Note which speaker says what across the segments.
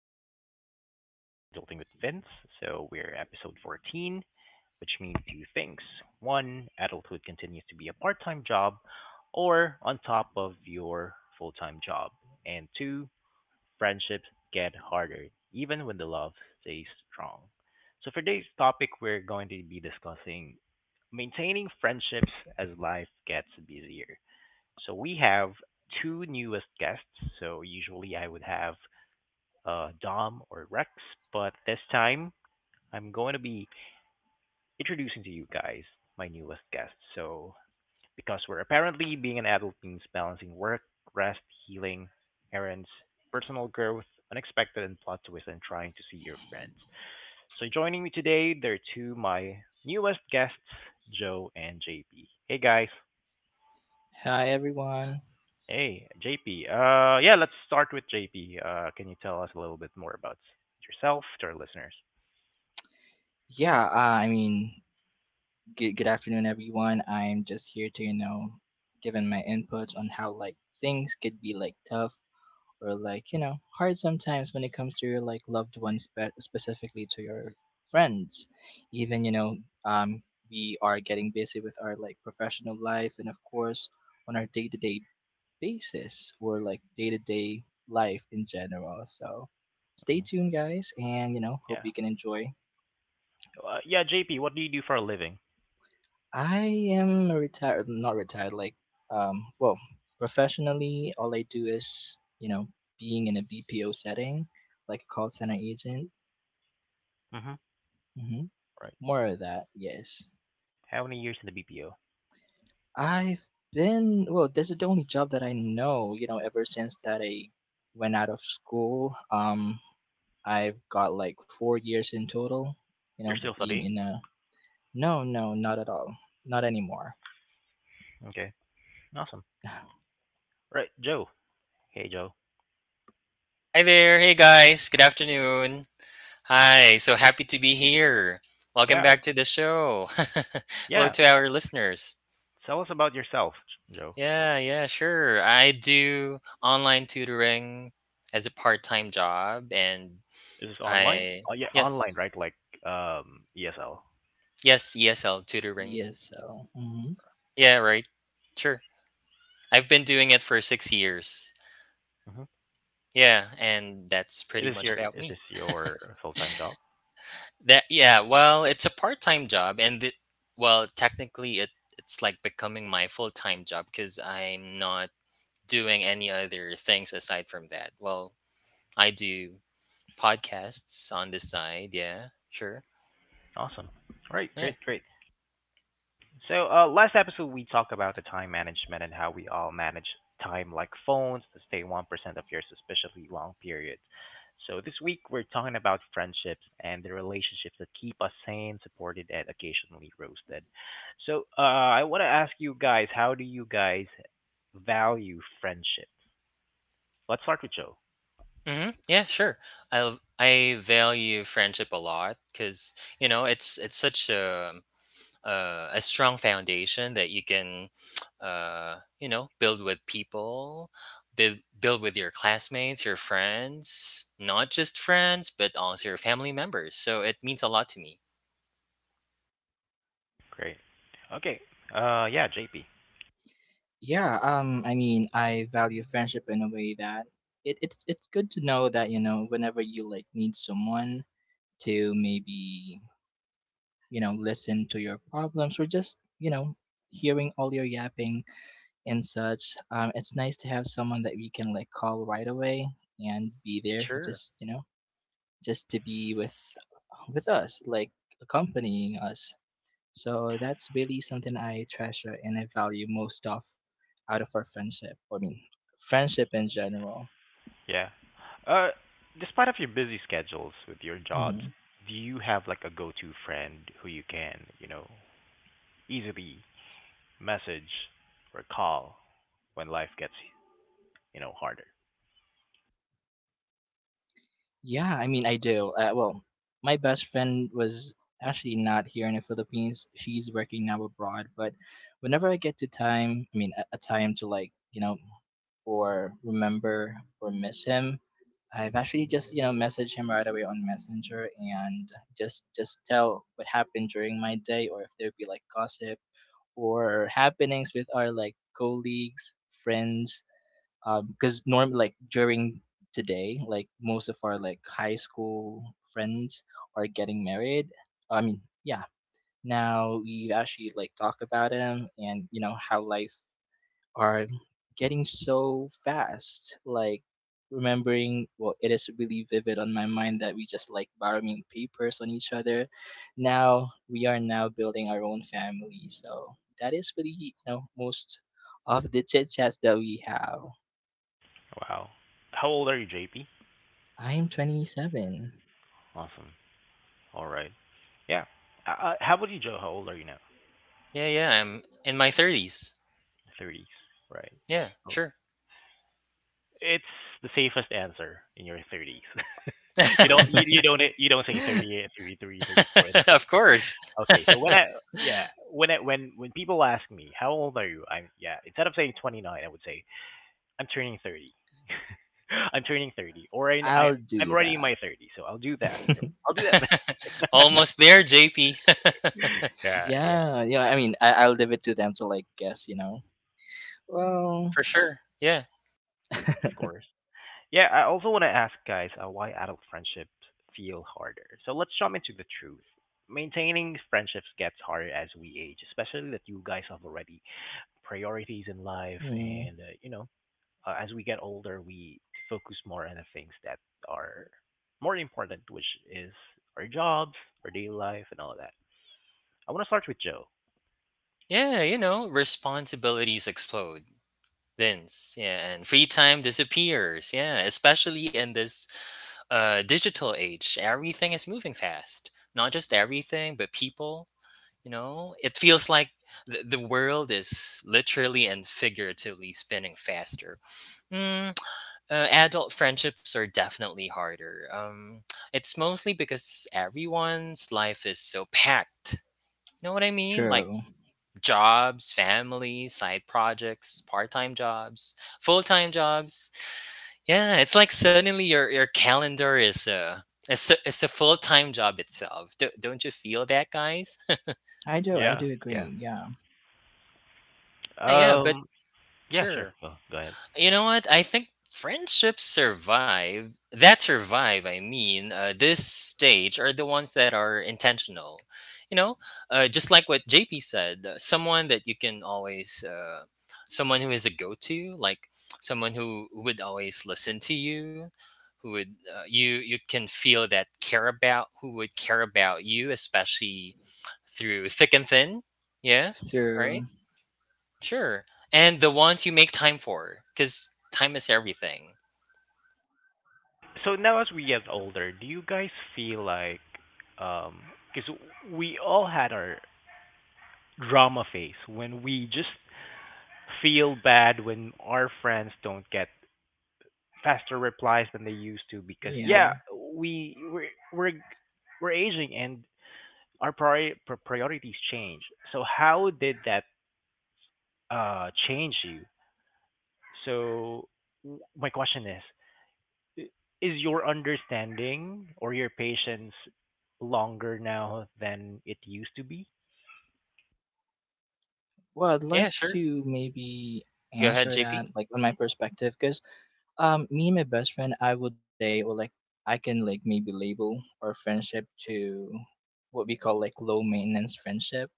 Speaker 1: everybody. Welcome back to the Art of Adulting with Vince. So, we're episode 14, which means two things. One, adulthood continues to be a part time job or on top of your full time job. And two, friendships get harder, even when the love stays strong. So, for today's topic, we're going to be discussing maintaining friendships as life gets busier. So, we have two newest guests. So, usually I would have Dom or Rex, but this time I'm going to be introducing to you guys my newest guest. So, because we're apparently being an adult means balancing work, rest, healing, errands, personal growth, unexpected and plot twists, and trying to see your friends. So, joining me today, there are two my newest guests, Joe and JP. Hey guys.
Speaker 2: Hi everyone.
Speaker 1: Hey JP. Yeah, let's start with JP. Can you tell us a little bit more about yourself to our listeners?
Speaker 2: Yeah, uh, I mean, good afternoon everyone. I'm just here to, you know, giving my input on how like things could be like tough or like, you know, hard sometimes when it comes to your like loved ones, specifically to your friends. Even, you know, um we are getting busy with our like professional life and of course on our day-to-day basis or like day-to-day life in general. So, stay tuned guys and you know, hope
Speaker 1: Yeah.
Speaker 2: you can enjoy.
Speaker 1: Yeah, JP, what do you do for a living?
Speaker 2: I am retired, not retired, like, well, professionally, all I do is, you know, being in a BPO setting, like a call center agent.
Speaker 1: Mm-hmm.
Speaker 2: Hmm.
Speaker 1: Right.
Speaker 2: More of that, yes.
Speaker 1: How many years in the BPO?
Speaker 2: I've been, well, this is the only job that I know, you know, ever since that I went out of school. I've got like 4 years in total, you know,
Speaker 1: You're still
Speaker 2: being
Speaker 1: studying?
Speaker 2: in a, no, no, not at all, not anymore.
Speaker 1: Okay. Awesome. Right, Joe. Hey, Joe.
Speaker 3: Hi there. Hey guys. Good afternoon. Hi. So happy to be here. Welcome
Speaker 1: Yeah,
Speaker 3: back to the show. Hello
Speaker 1: yeah.
Speaker 3: to our listeners.
Speaker 1: Tell us about yourself, Joe.
Speaker 3: Yeah, yeah, sure. I do online tutoring as a part-time job and
Speaker 1: Is this online?
Speaker 3: I
Speaker 1: Oh, yeah, online,
Speaker 3: yes,
Speaker 1: right? Like ESL.
Speaker 3: yes, ESL tutoring.
Speaker 2: Yes, so. Mm-hmm.
Speaker 1: Yeah.
Speaker 3: Yeah, right. Sure. I've been doing it for 6 years.
Speaker 1: Mm-hmm.
Speaker 3: Yeah, and that's
Speaker 1: Is
Speaker 3: pretty
Speaker 1: this
Speaker 3: much
Speaker 1: your
Speaker 3: about
Speaker 1: is
Speaker 3: me.
Speaker 1: this your full time job?
Speaker 3: That Yeah, well, it's a part-time job and well, technically it's like becoming my full-time job because I'm not doing any other things aside from that. Well, I do podcasts on the side, yeah, sure.
Speaker 1: Awesome. Right.
Speaker 3: Yeah.
Speaker 1: Great. Great. So, last episode we talked about the time management and how we all manage time like phones to stay 1% of your suspiciously long periods. So, this week we're talking about friendships and the relationships that keep us sane, supported, and occasionally roasted. So, I want to ask you guys, how do you guys value friendships? Let's start with Joe.
Speaker 3: Yeah, sure. I value friendship a lot because you know it's such a strong foundation that you can you know build with people build with your classmates, your friends, not just friends but also your family members, so it means a lot to me.
Speaker 1: Great. Okay. Yeah, JP.
Speaker 2: Yeah, I mean, I value friendship in a way that it's good to know that you know whenever you like need someone to maybe you know listen to your problems or just you know hearing all your yapping and such. It's nice to have someone that we can like call right away and be there,
Speaker 3: Sure,
Speaker 2: just you know, just to be with us, like accompanying us. So that's really something I treasure and I value most of out of our friendship. I mean, friendship in general.
Speaker 1: Yeah. Uh, Despite of your busy schedules with your jobs,
Speaker 2: Hmm.
Speaker 1: do you have like a go-to friend who you can, you know, easily message or call when life gets, harder?
Speaker 2: Yeah, I mean, I do. Well, my best friend was actually not here in the Philippines. She's working now abroad. But whenever I get to time, I mean, a time to like, you know, or remember or miss him, I've actually just you know message him right away on Messenger and just tell what happened during my day or if there'd be like gossip or happenings with our like colleagues, friends. Because norm like during today, like most of our like high school friends are getting married. I mean, yeah. Now we actually like talk about them and you know how life are getting so fast. Like remembering, well, it is really vivid on my mind that we just like borrowing papers on each other. Now we are now building our own family, so that is really you know most of the chit chats that we have.
Speaker 1: Wow. How old are you, JP?
Speaker 2: I'm 27.
Speaker 1: Awesome. All right. Yeah. How about you, Joe? How old are you now?
Speaker 3: yeah, yeah, I'm in my 30s.
Speaker 1: Thirties, right?
Speaker 3: Yeah,
Speaker 1: Oh.
Speaker 3: sure.
Speaker 1: It's the safest answer in your thirties. You don't say 38, 33, 34.
Speaker 3: Of course.
Speaker 1: Okay, so when I yeah, when I when people ask me how old are you, instead of saying 29, I would say I'm turning 30. I'm turning 30, or I, I
Speaker 2: I'll
Speaker 1: I'm
Speaker 2: do
Speaker 1: already in
Speaker 2: that.
Speaker 1: my 30s, so I'll do that. I'll do that.
Speaker 3: Almost there, JP.
Speaker 1: yeah, yeah,
Speaker 2: yeah, yeah. I mean, I'll leave it to them to like guess. You know. Well,
Speaker 3: For sure, yeah.
Speaker 1: of course. Yeah, I also want to ask guys why adult friendships feel harder. So let's jump into the truth. Maintaining friendships gets harder as we age, especially that you guys have already priorities in life
Speaker 2: hmm,
Speaker 1: and as we get older, we focus more on the things that are more important, which is our jobs, our daily life, and all of that. I want to start with Joe.
Speaker 3: Yeah, you know, responsibilities explode, Vince, yeah, and free time disappears. Yeah, especially in this digital age. Everything is moving fast. Not just everything, but people. You know, it feels like the world is literally and figuratively spinning faster. Mm, Adult friendships are definitely harder. It's mostly because everyone's life is so packed. You know what I mean? Like
Speaker 2: true.
Speaker 3: jobs, family, side projects, part time jobs, full time jobs. Yeah, it's like suddenly your calendar is it's a full time job itself. Don't you feel that, guys?
Speaker 2: I do. I
Speaker 1: Yeah.
Speaker 2: do
Speaker 1: Yeah.
Speaker 2: agree. Yeah.
Speaker 3: Yeah, yeah, but
Speaker 1: Um. Yeah. Sure.
Speaker 3: sure.
Speaker 1: Go ahead.
Speaker 3: You know what? I think friendships survive. That survive, I mean, this stage, are the ones that are intentional. You know, just like what JP said, someone that you can always, someone who is a go-to, like someone who would always listen to you, who would, you you can feel that care about, who would care about you, especially through thick and thin. Yeah, right.
Speaker 2: So
Speaker 3: Sure, and the ones you make time for, because time is everything.
Speaker 1: So now, as we get older, do you guys feel like, um, because we all had our drama phase when we just feel bad when our friends don't get faster replies than they used to because yeah,
Speaker 2: yeah.
Speaker 1: we we're we're aging and our priorities change. So how did that change you? So my question is, i- is your understanding or your patience longer now than it used to be?
Speaker 2: Well, I'd
Speaker 3: Yeah,
Speaker 2: like
Speaker 3: sure.
Speaker 2: to maybe
Speaker 3: Go ahead,
Speaker 2: answer
Speaker 3: JP.
Speaker 2: that like on my perspective because me and my best friend I would say or like I can like maybe label our friendship to what we call like low maintenance friendship.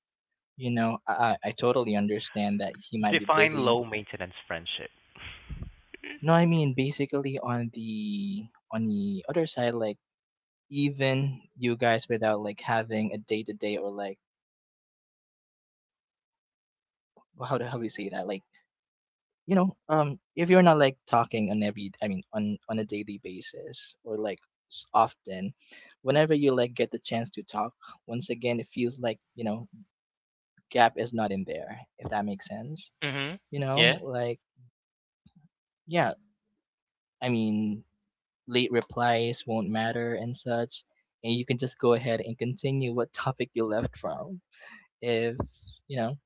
Speaker 2: You know, I totally understand that he might be
Speaker 1: Define
Speaker 2: busy.
Speaker 1: low maintenance friendship.
Speaker 2: No, I mean basically on the other side like even you guys without like having a day to day or like how do you say that like you know, if you're not like talking on every, I mean, on a daily basis or like often, whenever you like get the chance to talk, once again, it feels like you know gap is not in there. If that makes sense,
Speaker 3: Mhm.
Speaker 2: you know,
Speaker 3: Yeah.
Speaker 2: like yeah, I mean, late replies won't matter and such, and you can just go ahead and continue what topic you left from. If you know.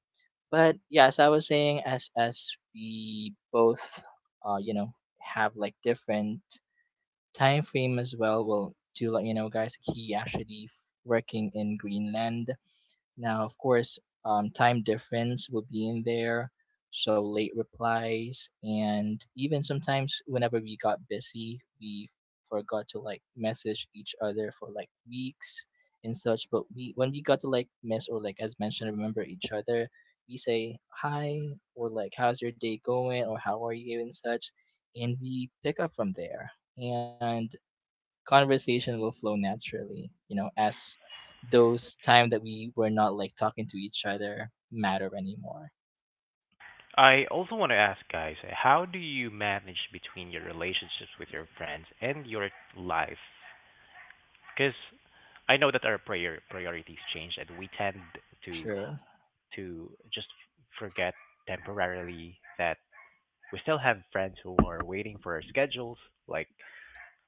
Speaker 2: But yeah, as I was saying, as we both, you know, have like different time frame as well. Well, to let you know, guys, he actually working in Greenland, now, of course, time difference would be in there, so late replies, and even sometimes whenever we got busy, we forgot to like message each other for like weeks and such. But we, when we got to like miss or like as mentioned, remember each other, we say hi or like how's your day going or how are you and such, and we pick up from there. And conversation will flow naturally, you know, as those time that we were not like talking to each other matter anymore.
Speaker 1: I also want to ask guys, how do you manage between your relationships with your friends and your life? Because I know that our priorities change and we tend to
Speaker 2: True.
Speaker 1: to just forget temporarily that we still have friends who are waiting for our schedules, like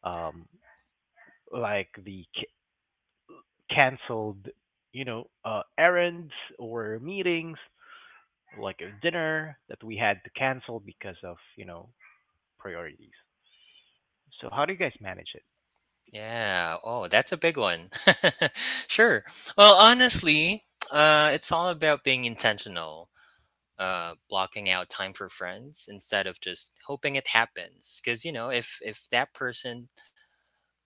Speaker 1: um, like the canceled, errands or meetings, like a dinner that we had to cancel because of priorities. So how do you guys manage it?
Speaker 3: Yeah. Oh, that's a big one. Sure. Well, honestly, it's all about being intentional, blocking out time for friends instead of just hoping it happens, because you know, if that person,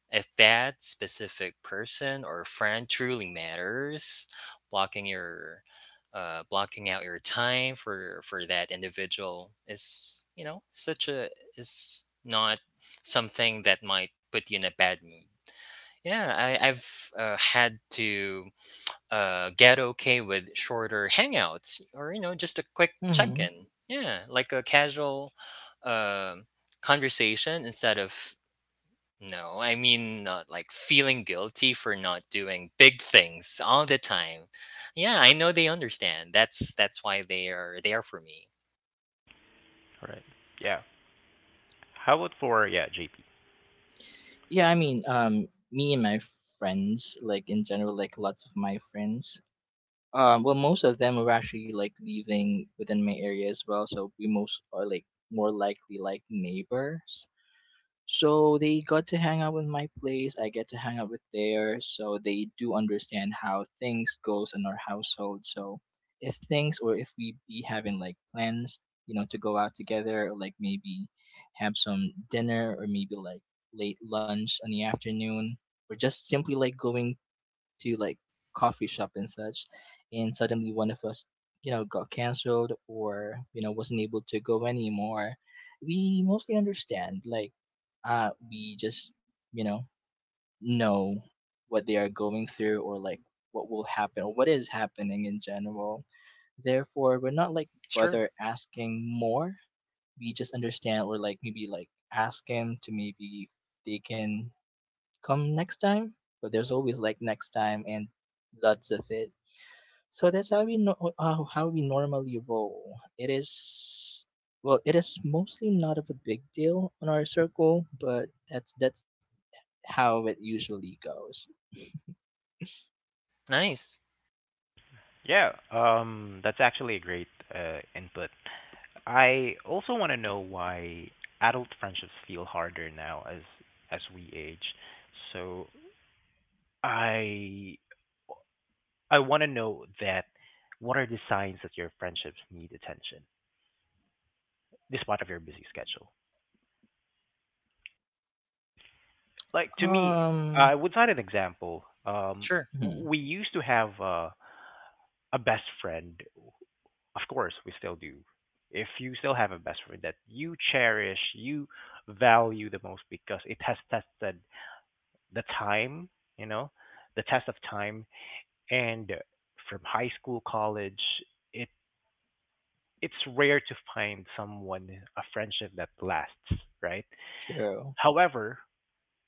Speaker 3: if that specific person or friend truly matters, blocking your blocking out your time for that individual is, you know, such a, is not something that might put you in a bad mood. Yeah, I've had to get okay with shorter hangouts or, you know, just a quick
Speaker 2: Mm-hmm.
Speaker 3: check-in. Yeah, like a casual um conversation, instead of, no, I mean, not like feeling guilty for not doing big things all the time. Yeah, I know they understand. That's why they are there for me.
Speaker 1: Right. Yeah. How about for JP?
Speaker 2: Yeah, I mean, me and my friends, like in general, like lots of my friends, well, most of them are actually like leaving within my area as well, so we most are like more likely like neighbors. So they got to hang out with my place. I get to hang out with theirs. So they do understand how things goes in our household. So if things or if we be having like plans, you know, to go out together or like maybe have some dinner or maybe like late lunch in the afternoon or just simply like going to like coffee shop and such, and suddenly one of us, you know, got canceled or you know wasn't able to go anymore, we mostly understand. Like, we just you know what they are going through or like what will happen or what is happening in general. Therefore, we're not like
Speaker 3: Sure.
Speaker 2: bother asking more. We just understand or like maybe like ask him to maybe if they can come next time, but there's always like next time and lots of it. So that's how we how we normally roll. It is well, it is mostly not of a big deal on our circle, but that's how it usually goes.
Speaker 3: Nice.
Speaker 1: Yeah, that's actually a great input. I also want to know why adult friendships feel harder now as we age. So I I want to know that what are the signs that your friendships need attention despite of your busy schedule. Like to me,
Speaker 2: Um,
Speaker 1: I would cite an example. Um,
Speaker 3: Sure.
Speaker 2: hmm,
Speaker 1: w- we used to have a best friend. Of course, we still do. If you still have a best friend that you cherish, you value the most because it has tested the time, you know, the test of time. And from high school, college, it it's rare to find someone a friendship that lasts, right?
Speaker 2: true,
Speaker 1: However,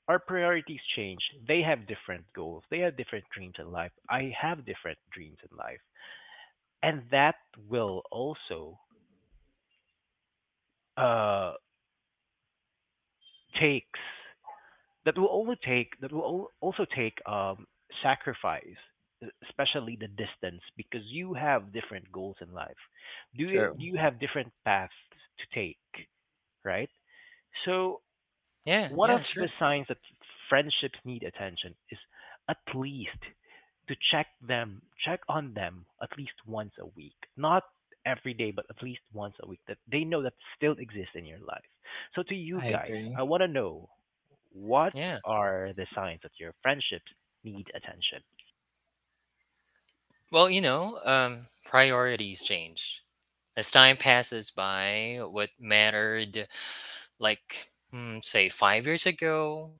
Speaker 1: our priorities change. They have different goals. They have different dreams in life. I have different dreams in life, and will also uh takes that will also take sacrifice, especially the distance, because you have different goals in life. Do you, do
Speaker 2: true.
Speaker 1: you have different paths to take, right? So
Speaker 3: Yeah,
Speaker 1: one of
Speaker 3: yeah,
Speaker 1: the
Speaker 3: sure.
Speaker 1: signs that friendships need attention is at least to check on them at least once a week, not every day but at least once a week, that they know that still exists in your life. So to you
Speaker 2: I
Speaker 1: guys, I
Speaker 2: agree.
Speaker 1: want to know what
Speaker 3: Yeah.
Speaker 1: are the signs that your friendships need attention.
Speaker 3: Well, you know, priorities change. As time passes by, what mattered like, say, 5 years ago,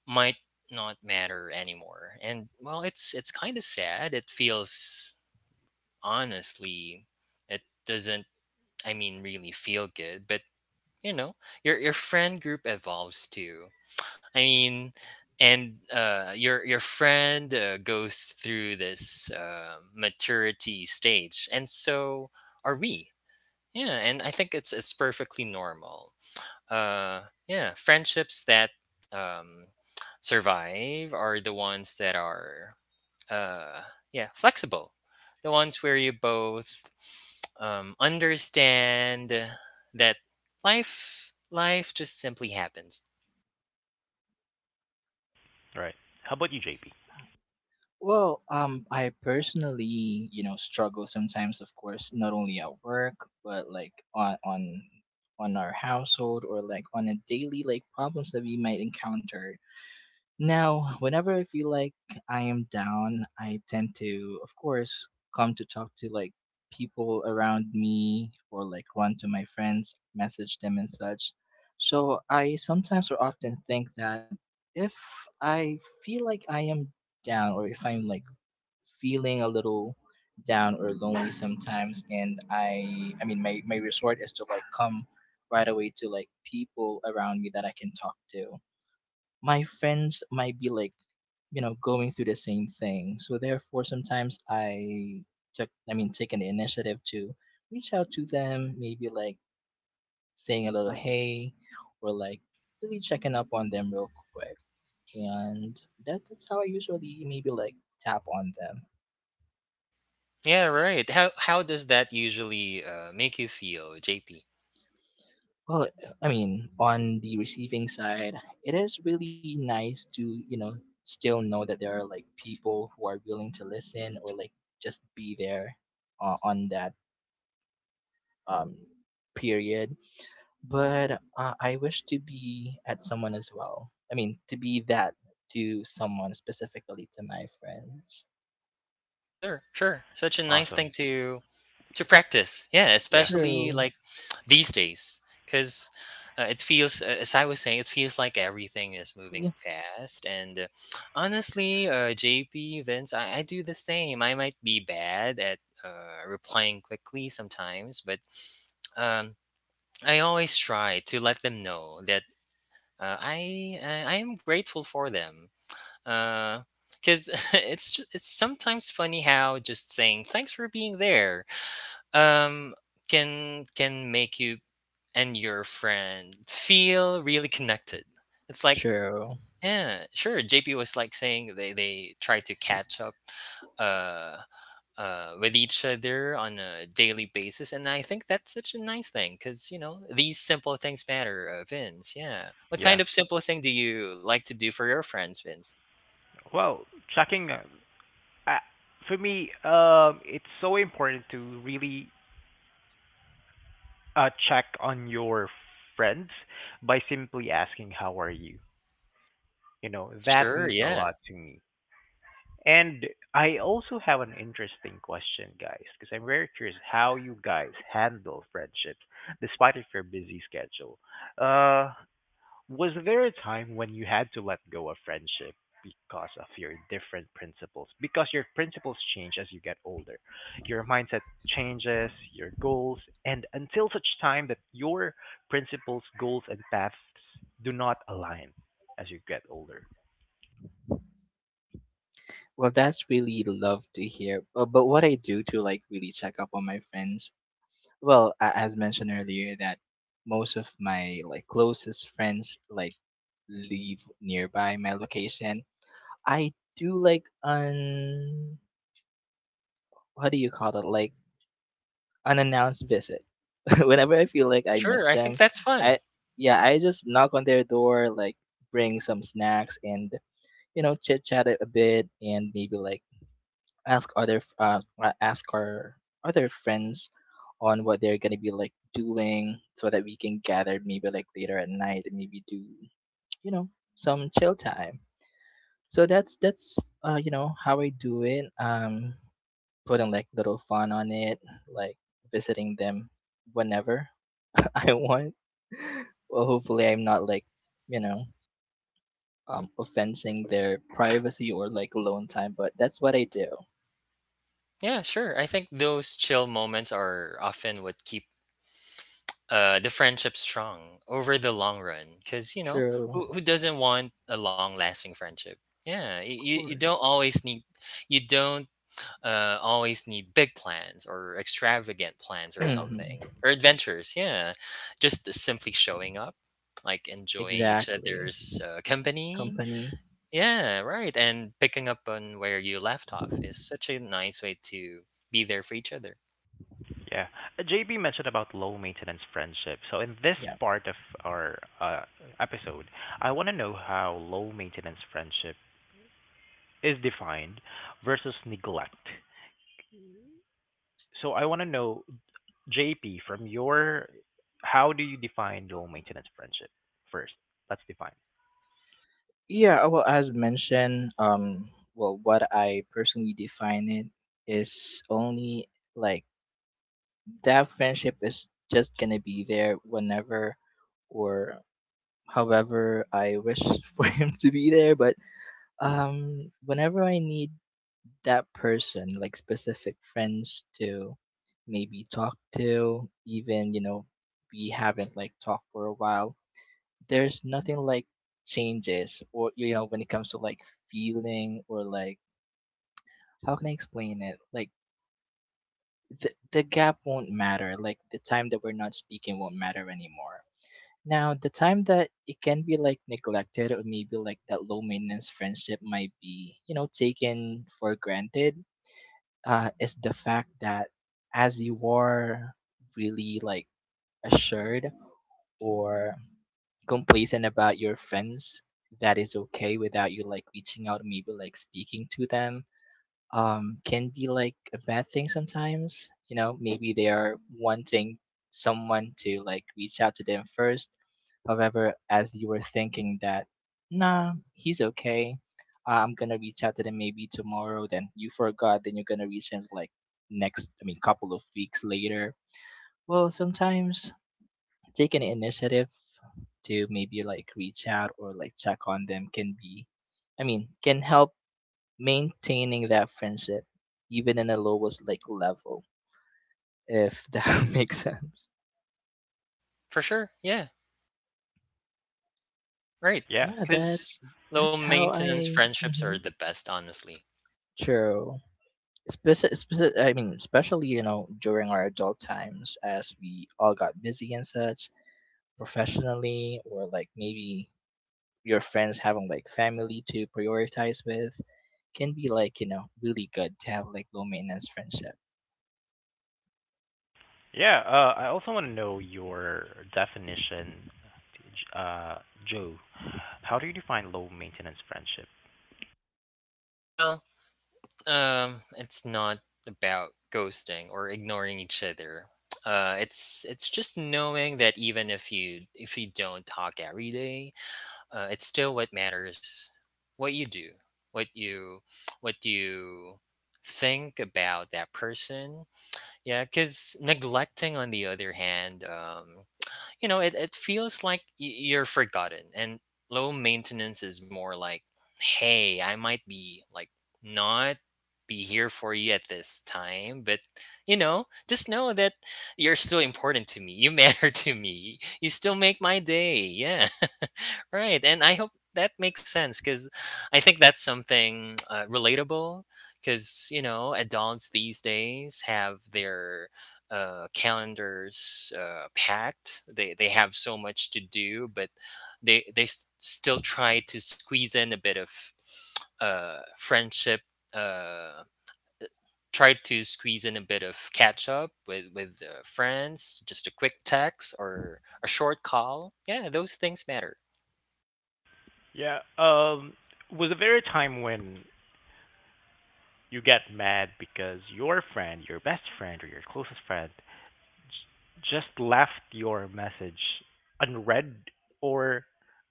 Speaker 3: might not matter anymore. And well, it's kind of sad. It feels, honestly, it doesn't, I mean, really feel good. But you know, your friend group evolves too. I mean, and your friend, goes through this maturity stage, and so are we. Yeah, and I think it's perfectly normal. Yeah, friendships that um, survive are the ones that are, uh yeah, flexible, the ones where you both understand that life just simply happens.
Speaker 1: Right. How about you, JP?
Speaker 2: Well, I personally, you know, struggle sometimes, of course, not only at work, but like on our household or like on a daily like problems that we might encounter. Now, whenever I feel like I am down, I tend to, of course, come to talk to like people around me or like run to my friends, message them and such. So I sometimes or often think that if I feel like I am down or if I'm like feeling a little down or lonely sometimes and I mean my resort is to like come right away to like people around me that I can talk to my friends might be like you know going through the same thing so therefore sometimes I took I mean taking the initiative to reach out to them maybe like saying a little hey or like really checking up on them real quick and that's how I usually maybe like tap on them.
Speaker 3: Yeah, right. How does that usually make you feel, JP?
Speaker 2: Well, I mean, on the receiving side, it is really nice to, you know, still know that there are like people who are willing to listen or like just be there on that um, period. But I wish to be at someone as well. I mean, to be that to someone, specifically to my friends.
Speaker 3: Sure, sure. Such a nice
Speaker 1: Awesome.
Speaker 3: thing to practice. Yeah,
Speaker 1: Yeah.
Speaker 3: especially
Speaker 2: True.
Speaker 3: like, these days, because it feels, as I was saying, it feels like everything is moving
Speaker 2: Yeah,
Speaker 3: fast. And honestly, JP, Vince, I do the same. I might be bad at replying quickly sometimes, but um, I always try to let them know that I am grateful for them. Uh, because it's sometimes funny how just saying thanks for being there um can make you and your friend feel really connected. It's like,
Speaker 2: true.
Speaker 3: yeah, sure. JP was like saying they try to catch up uh with each other on a daily basis, and I think that's such a nice thing because, you know, these simple things matter, Vince. Yeah, what
Speaker 1: Yeah.
Speaker 3: kind of simple thing do you like to do for your friends, Vince?
Speaker 1: Well, checking uh, for me, it's so important to really check on your friends by simply asking how are you. You know, that
Speaker 3: Sure,
Speaker 1: means a
Speaker 3: yeah.
Speaker 1: lot to me. And I also have an interesting question, guys, because I'm very curious how you guys handle friendships despite of your busy schedule. Uh, was there a time when you had to let go of friendship because of your different principles? Because your principles change as you get older. Your mindset changes, your goals, and until such time that your principles, goals, and paths do not align as you get older.
Speaker 2: Well, that's really love to hear. But what I do to like really check up on my friends well as mentioned earlier that most of my like closest friends like live nearby my location I do like un what do you call it like unannounced visit whenever I feel like I miss
Speaker 3: Sure, I think
Speaker 2: them
Speaker 3: that's fun.
Speaker 2: I yeah I just knock on their door like bring some snacks and you know chit chat a bit and maybe like ask other ask our other friends on what they're gonna be like doing so that we can gather maybe like later at night and maybe do you know some chill time so that's you know how I do it putting like little fun on it like visiting them whenever I want. Well hopefully I'm not like you know offensing their privacy or like alone time but that's what I do.
Speaker 3: Yeah, sure. I think those chill moments are often what keep the friendship strong over the long run. Because, you know,
Speaker 2: True.
Speaker 3: who doesn't want a long lasting friendship? Yeah, y-
Speaker 2: Of
Speaker 3: you, you
Speaker 2: course.
Speaker 3: don't always need. You don't always need big plans or extravagant plans or something or adventures. Yeah, just simply showing up, like enjoying each
Speaker 2: Exactly.
Speaker 3: other's company.
Speaker 2: Company.
Speaker 3: Yeah, right. And picking up on where you left off is such a nice way to be there for each other.
Speaker 1: Yeah. JB mentioned about low maintenance friendship. So in this
Speaker 2: Yeah.
Speaker 1: part of our episode, I want to know how low maintenance friendship is defined versus neglect. So I want to know, JP, how do you define low maintenance friendship first? Let's define.
Speaker 2: Yeah, well as mentioned, well what I personally define it is only like that friendship is just gonna be there whenever or however I wish for him to be there. But whenever I need that person, like specific friends to maybe talk to, even, you know, we haven't like talked for a while, there's nothing like changes, or you know, when it comes to like feeling, or like how can I explain it, like the gap won't matter, like the time that we're not speaking won't matter anymore. Now, the time that it can be like neglected, or maybe like that low maintenance friendship might be, you know, taken for granted, is the fact that as you are really like assured or complacent about your friends, that is okay without you like reaching out, maybe like speaking to them, can be like a bad thing sometimes. You know, maybe they are wanting someone to like reach out to them first. However, as you were thinking that, nah, he's okay. I'm gonna reach out to them maybe tomorrow, then you forgot, then you're gonna reach him like next, I mean, couple of weeks later. Well, sometimes take an initiative to maybe like reach out or like check on them can be, I mean, can help maintaining that friendship even in the lowest like level, if that makes sense.
Speaker 3: For sure. Yeah, right.
Speaker 1: Yeah.
Speaker 2: Yeah,
Speaker 3: Because
Speaker 2: that's
Speaker 3: low
Speaker 2: that's how
Speaker 3: maintenance
Speaker 2: I.
Speaker 3: friendships are
Speaker 2: Mm-hmm,
Speaker 3: the best, honestly.
Speaker 2: true. Especially, you know, during our adult times, as we all got busy and such, professionally, or like maybe your friends having like family to prioritize with, can be like, you know, really good to have like low maintenance friendship.
Speaker 1: Yeah. I also want to know your definition, uh, Joe. How do you define low maintenance friendship?
Speaker 3: Well, it's not about ghosting or ignoring each other. It's just knowing that even if you don't talk every day, it's still what matters. What you do, what you what you think about that person. Yeah, because neglecting, on the other hand, you know, it feels like you're forgotten, and low maintenance is more like, hey, I might be like, not be here for you at this time, but, you know, just know that you're still important to me. You matter to me. You still make my day. Yeah, right. And I hope that makes sense because I think that's something relatable, because you know adults these days have their calendars packed. They have so much to do, but they still try to squeeze in a bit of friendship. Uh, Try to squeeze in a bit of catch up with friends. Just a quick text or a short call. Yeah, those things matter.
Speaker 1: Yeah. Was there a time when you get mad because your friend, your best friend, or your closest friend just left your message unread or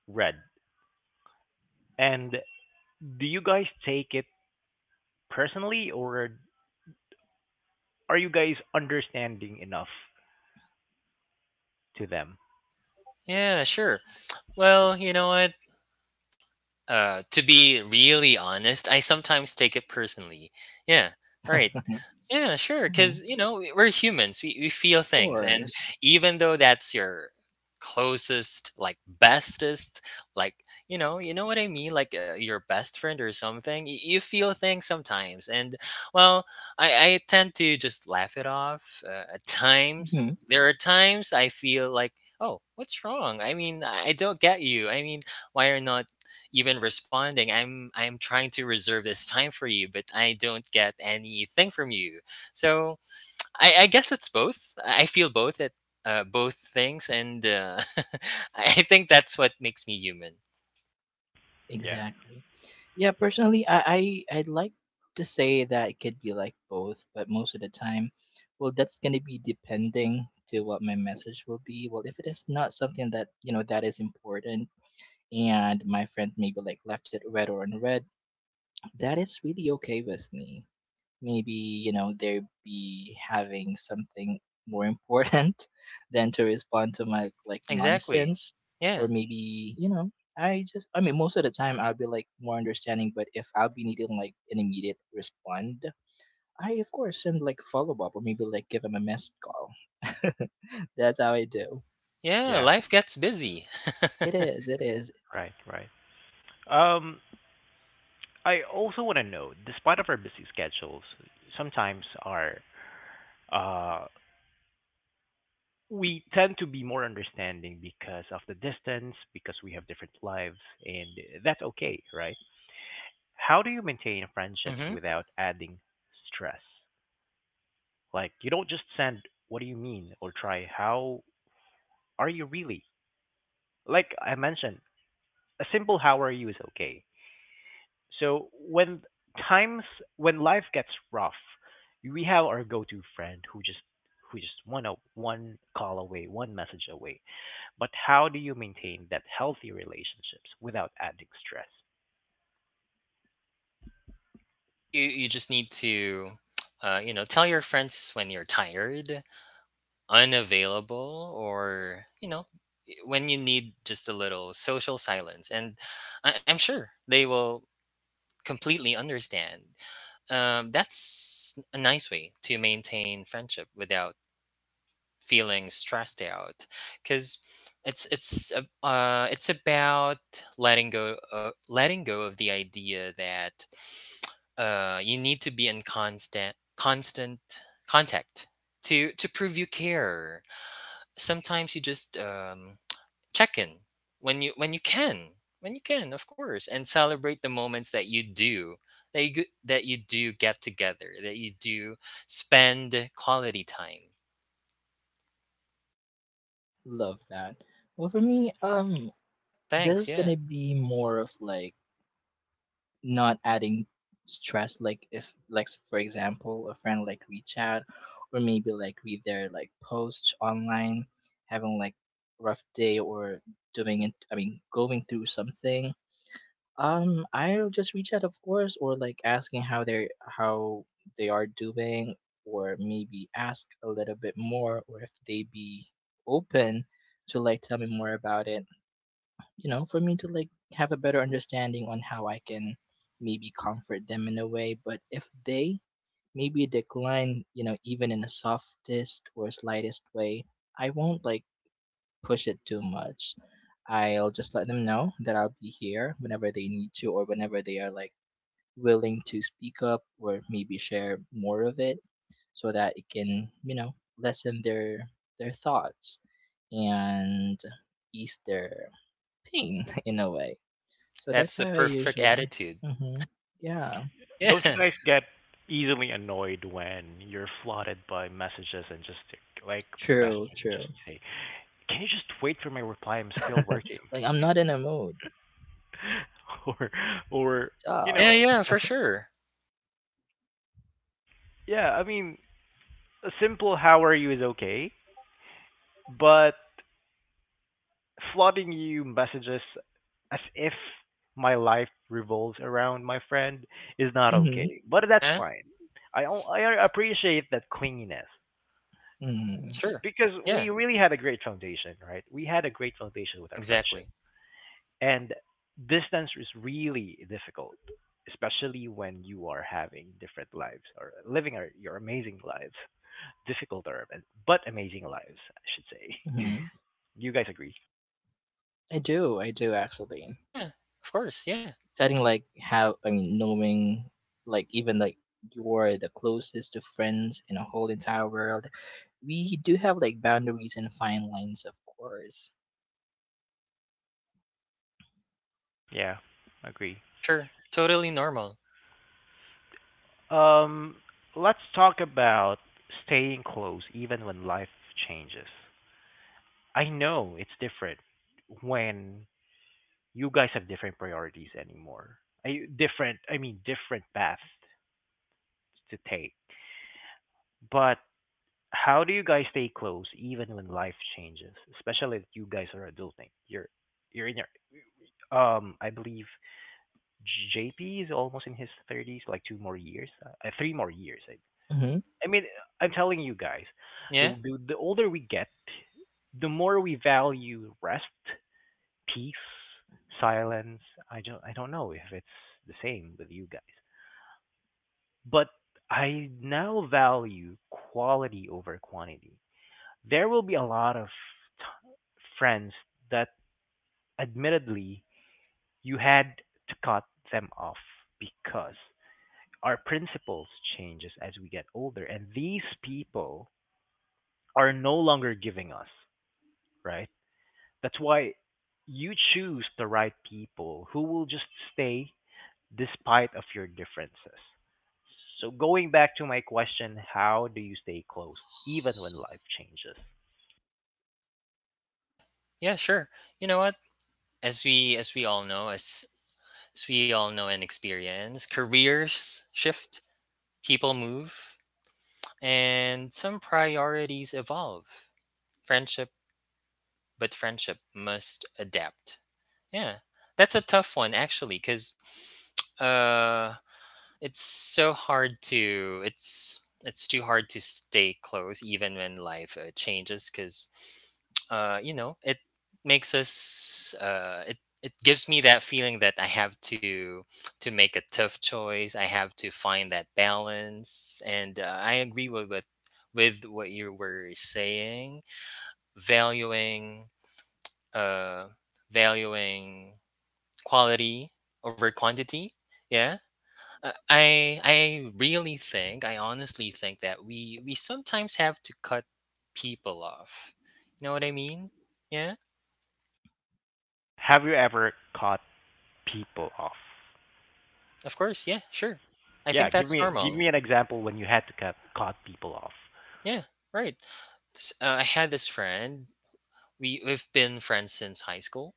Speaker 1: read? And do you guys take it personally, or are you guys understanding enough to them?
Speaker 3: Yeah, sure. Well, you know what? To be really honest, I sometimes take it personally. Yeah. Right. Yeah, sure.
Speaker 2: Mhm,
Speaker 3: Because, you know, we're humans. We feel
Speaker 2: of
Speaker 3: things. And
Speaker 2: course.
Speaker 3: even though that's your closest, like, bestest, like, you know what I mean? Like, your best friend or something, you feel things sometimes. And, well, I tend to just laugh it off at times.
Speaker 2: Hmm.
Speaker 3: There are times I feel like, oh, what's wrong? I mean, I don't get you. I mean, why are not even responding? I'm trying to reserve this time for you but I don't get anything from you. So I guess it's both. I feel both at, both things, and I think that's what makes me human.
Speaker 1: Yeah,
Speaker 2: Exactly. Yeah, personally, I'd like to say that it could be like both, but most of the time, well, that's going to be depending to what my message will be. Well, if it is not something that, you know, that is important, and my friend maybe like left it read or unread, that is really okay with me. Maybe, you know, they'd be having something more important than to respond to my like
Speaker 3: Exactly.
Speaker 2: nonsense. Or
Speaker 3: Yeah.
Speaker 2: maybe, you know, I just, I mean, most of the time I'll be like more understanding. But if I'll be needing like an immediate respond, I of course send like follow-up or maybe like give them a missed call. That's how I do.
Speaker 3: Yeah.
Speaker 1: yeah,
Speaker 3: Life gets busy.
Speaker 2: It is, it is.
Speaker 1: right, right. Um, I also want to know, despite of our busy schedules, sometimes our uh we tend to be more understanding because of the distance, because we have different lives, and that's okay, right? How do you maintain friendships
Speaker 3: Hmm.
Speaker 1: without adding stress? Like, you don't just send, what do you mean? Or try, how are you really? Like I mentioned, a simple how are you is okay. So, times, when life gets rough, we have our go to friend who just want to one call away, one message away. But how do you maintain that healthy relationships without adding stress?
Speaker 3: Think you just need to, you know, tell your friends when you're tired, unavailable, or, you know, when you need just a little social silence, and I'm sure they will completely understand. That's a nice way to maintain friendship without feeling stressed out, because it's about letting go, letting go of the idea that you need to be in constant contact to prove you care. Sometimes you just, check in when you can, of course, and celebrate the moments that you do, that you do get together, that you do spend quality time.
Speaker 2: Love that. Well, for me, this
Speaker 3: Thanks,
Speaker 2: is
Speaker 3: yeah,
Speaker 2: gonna be more of like not adding stress. Like if, like for example, a friend like reach out, or maybe like read their like post online, having like rough day, or doing it, I mean, going through something, I'll just reach out, of course, or like asking how they're, how they are doing, or maybe ask a little bit more, or if they be open to like tell me more about it, you know, for me to like have a better understanding on how I can maybe comfort them in a way. But if they maybe decline, you know, even in the softest or slightest way, I won't like push it too much. I'll just let them know that I'll be here whenever they need to, or whenever they are like willing to speak up or maybe share more of it, so that it can, you know, lessen their thoughts and ease their pain in a way. So that's
Speaker 3: that's
Speaker 2: how
Speaker 3: the
Speaker 2: I
Speaker 3: perfect
Speaker 2: usually.
Speaker 3: attitude.
Speaker 2: Hmm. Yeah,
Speaker 3: Yeah.
Speaker 1: Don't you guys get easily annoyed when you're flooded by messages and just like my best
Speaker 2: true,
Speaker 1: friend would just
Speaker 2: true.
Speaker 1: say, "Can you just wait for my reply? I'm still working,"
Speaker 2: Like, I'm not in a mood.
Speaker 1: or or you
Speaker 2: Stop.
Speaker 3: Yeah,
Speaker 1: know,
Speaker 3: yeah, for sure.
Speaker 1: yeah. I mean, a simple "How are you" is okay, but flooding you messages as if my life revolves around my friend is not
Speaker 2: Hmm.
Speaker 1: okay. But that's
Speaker 3: Yeah.
Speaker 1: fine. I appreciate that clinginess
Speaker 2: Hmm.
Speaker 3: Sure,
Speaker 1: because
Speaker 3: yeah,
Speaker 1: we really had a great foundation, right? We had a great foundation with our friendship,
Speaker 3: exactly.
Speaker 1: and distance is really difficult, especially when you are having different lives or living your amazing lives, difficult or but amazing lives, I should say.
Speaker 2: Hmm.
Speaker 1: you guys agree?
Speaker 2: I do actually.
Speaker 3: Yeah, of course. Yeah,
Speaker 2: Setting like how, I mean, knowing like even like you're the closest to friends in a whole entire world, we do have like boundaries and fine lines, of course.
Speaker 1: Yeah, agree.
Speaker 3: for sure. Totally normal.
Speaker 1: Um, let's talk about staying close even when life changes. I know it's different when you guys have different priorities anymore. I mean, different paths to take. But how do you guys stay close even when life changes? Especially if you guys are adulting. You're I believe JP is almost in his 30s, like 2 more years, 3 more years, I
Speaker 2: Hmm.
Speaker 1: I mean, I'm telling you guys, the,
Speaker 3: Yeah,
Speaker 1: the the older we get, the more we value rest, peace, silence. I don't know if it's the same with you guys, but I now value quality over quantity. There will be a lot of friends that, admittedly, you had to cut them off because our principles changes as we get older, and these people are no longer giving us, right? That's why you choose the right people who will just stay despite of your differences. So going back to my question, how do you stay close even when life changes?
Speaker 3: yeah, yeah, sure. You know what? As we all know, and experience, careers shift. People move, and some priorities evolve. Friendship, but friendship must adapt. Yeah. That's a tough one, actually, cuz uh it's so hard to it's it's too hard to stay close even when life changes, because you know it makes us, it gives me that feeling that I have to make a tough choice. I have to find that balance, and I agree with, with what you were saying. Valuing, uh valuing quality over quantity. Yeah, I really think, I honestly think that we sometimes have to cut people off. You know what I mean? Yeah.
Speaker 1: Have you ever caught people off?
Speaker 3: Of course. Yeah. Sure. I
Speaker 1: Yeah,
Speaker 3: think that's
Speaker 1: give
Speaker 3: normal.
Speaker 1: me an example when you had to cut caught people off.
Speaker 3: Yeah. Right. I had this friend. We've been friends since high school.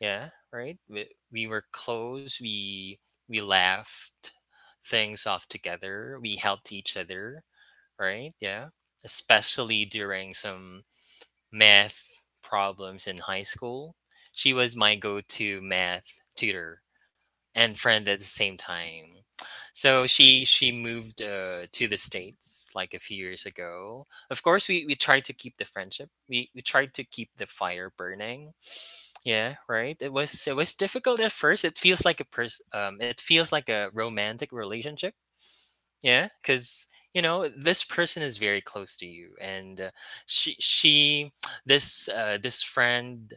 Speaker 3: Yeah. Right. We were close. We laughed things off together. We helped each other. Right. Yeah. Especially during some math problems in high school. She was my go to math tutor and friend at the same time. So she moved to the states like a few years ago. Of course, we tried to keep the friendship. We tried to keep the fire burning. Yeah, right. It was difficult at first. It feels like a it feels like a romantic relationship, yeah, because you know this person is very close to you, and she this this friend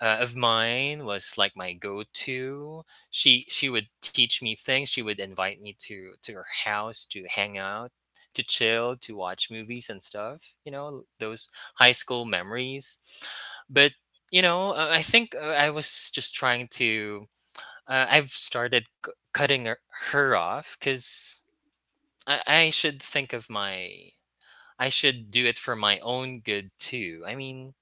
Speaker 3: of mine was like my go-to. She would teach me things. She would invite me to her house to hang out, to chill, to watch movies and stuff. You know those high school memories. But you know, I think I was just trying to. I've started cutting her off because I I should think of my I should do it for my own good too. I mean,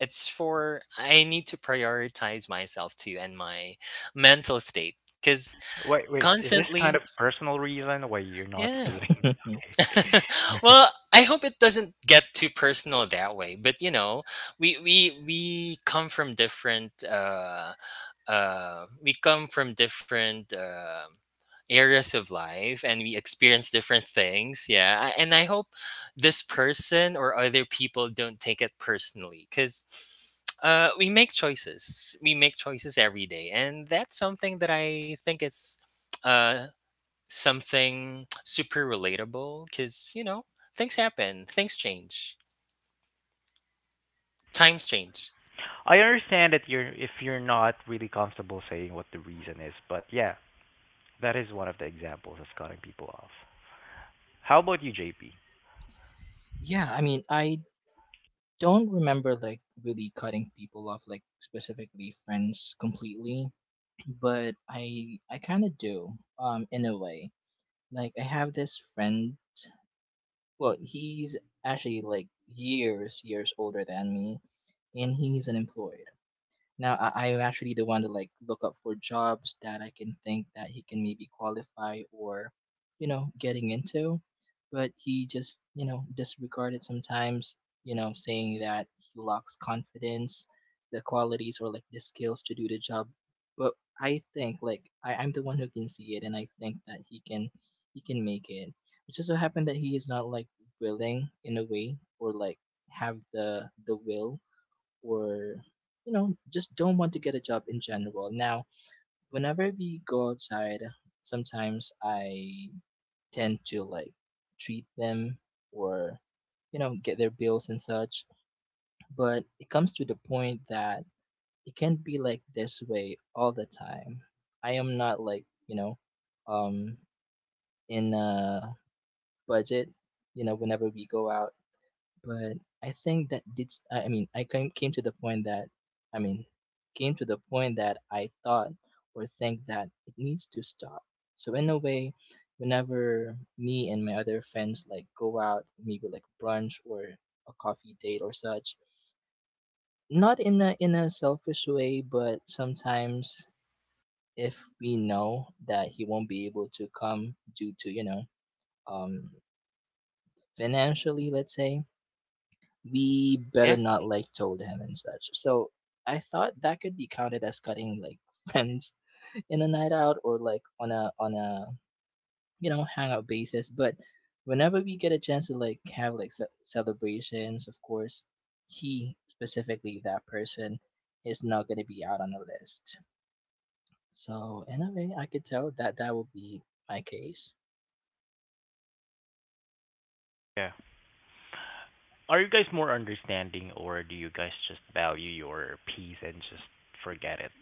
Speaker 3: it's for I need to prioritize myself too and my mental state cuz
Speaker 1: Wait, wait, is this
Speaker 3: constantly,
Speaker 1: kind of personal reason why you're not
Speaker 3: yeah.
Speaker 1: stating? Right.
Speaker 3: Well, I hope it doesn't get too personal that way, but you know, we come from different we come from different areas of life and we experience different things, yeah. And I hope this person or other people don't take it personally because we make choices, we make choices every day, and that's something that I think it's uh, something super relatable because you know things happen, things change, times change.
Speaker 1: I understand that you're if you're not really comfortable saying what the reason is, but yeah, that is one of the examples of cutting people off. How about you, JP?
Speaker 2: Yeah, I mean, I don't remember like really cutting people off, like specifically friends completely, but I kind of do in a way. Like, I have this friend. Well, he's actually like years years older than me, and he's unemployed. Now I, I'm actually the one to like look up for jobs that I can think that he can maybe qualify or, you know, getting into. But he just, you know, disregarded sometimes, you know, saying that he lacks confidence, the qualities or like the skills to do the job. But I think like I, I'm the one who can see it, and I think that he can make it. It just so happened that he is not like willing in a way, or like have the will or, you know, just don't want to get a job in general. Now whenever we go outside, sometimes I tend to like treat them or, you know, get their bills and such. But it comes to the point that it can't be like this way all the time. I am not like, you know, um in a budget, you know, whenever we go out. But I think that did s-, I mean I came to the point that, I mean, came to the point that I thought or think that it needs to stop. So in a way, whenever me and my other friends like go out, maybe like brunch or a coffee date or such, not in a in a selfish way, but sometimes if we know that he won't be able to come due to, you know, um financially, let's say, we better
Speaker 3: Yeah,
Speaker 2: not like told him and such. So I thought that could be counted as cutting like friends in a night out, or like on a on a, you know, hangout basis. But whenever we get a chance to like have like celebrations, of course, he specifically, that person, is not gonna be out on the list. So in a way, I could tell that that will be my case.
Speaker 1: Yeah. Are you guys more understanding or do you guys just value your peace and just forget it?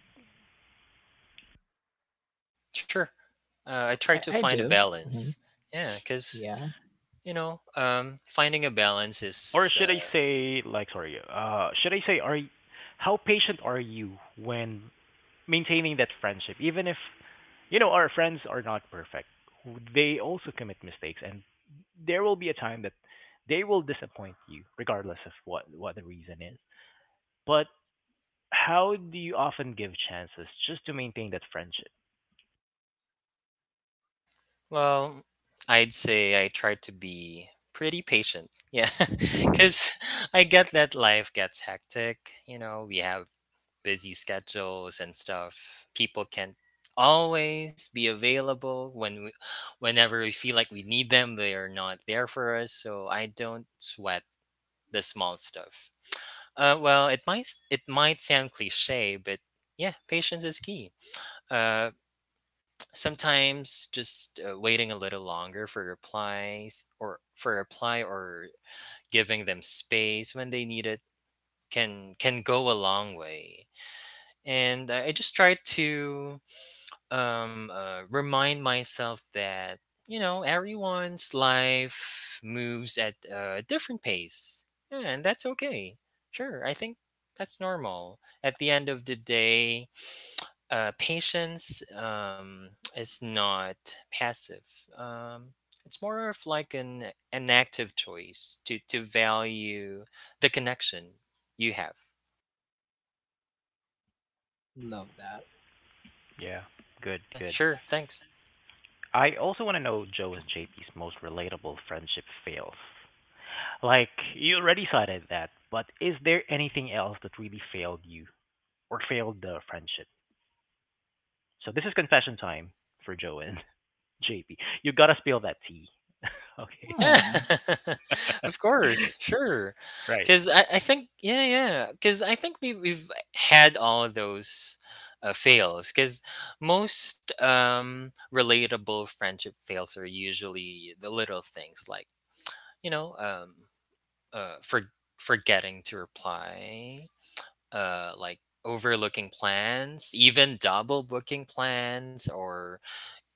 Speaker 3: sure. I try to
Speaker 2: I
Speaker 3: find a
Speaker 2: do. Hmm.
Speaker 3: balance, yeah, because
Speaker 2: Yeah,
Speaker 3: you know, finding a balance
Speaker 1: Or
Speaker 3: is,
Speaker 1: should I say, like, sorry, should I say how patient are you when maintaining that friendship even if, you know, our friends are not perfect. They also commit mistakes, and there will be a time that they will disappoint you regardless of what the reason is. But how do you often give chances just to maintain that friendship?
Speaker 3: well, I'd say I try to be pretty patient. Yeah, because I get that life gets hectic. You know, we have busy schedules and stuff. People can't always be available when whenever we feel like we need them, they are not there for us. So I don't sweat the small stuff. Well, it might sound cliche, but yeah, patience is key. Uh, Sometimes just waiting a little longer for replies or for a reply or giving them space when they need it can go a long way. And I just try to remind myself that you know everyone's life moves at a different pace, yeah, and that's okay. Sure, I think that's normal at the end of the day. Patience, is not passive. um, it's more of like an active choice to value the connection you have.
Speaker 2: love that.
Speaker 1: Yeah, good,
Speaker 3: Yeah,
Speaker 1: good.
Speaker 3: sure, thanks.
Speaker 1: I also want to know Joe and JP's most relatable friendship fails. Like, you already cited that, but is there anything else that really failed you or failed the friendship? So this is confession time for Joe and JP. You gotta spill that tea. Okay.
Speaker 3: Yeah,
Speaker 2: Hmm.
Speaker 3: of course, sure.
Speaker 1: Right.
Speaker 3: Because I think, yeah, yeah. Because I think we've had all of those fails. Because most relatable friendship fails are usually the little things, like, you know, uh, for, forgetting to reply, like overlooking plans, even double booking plans, or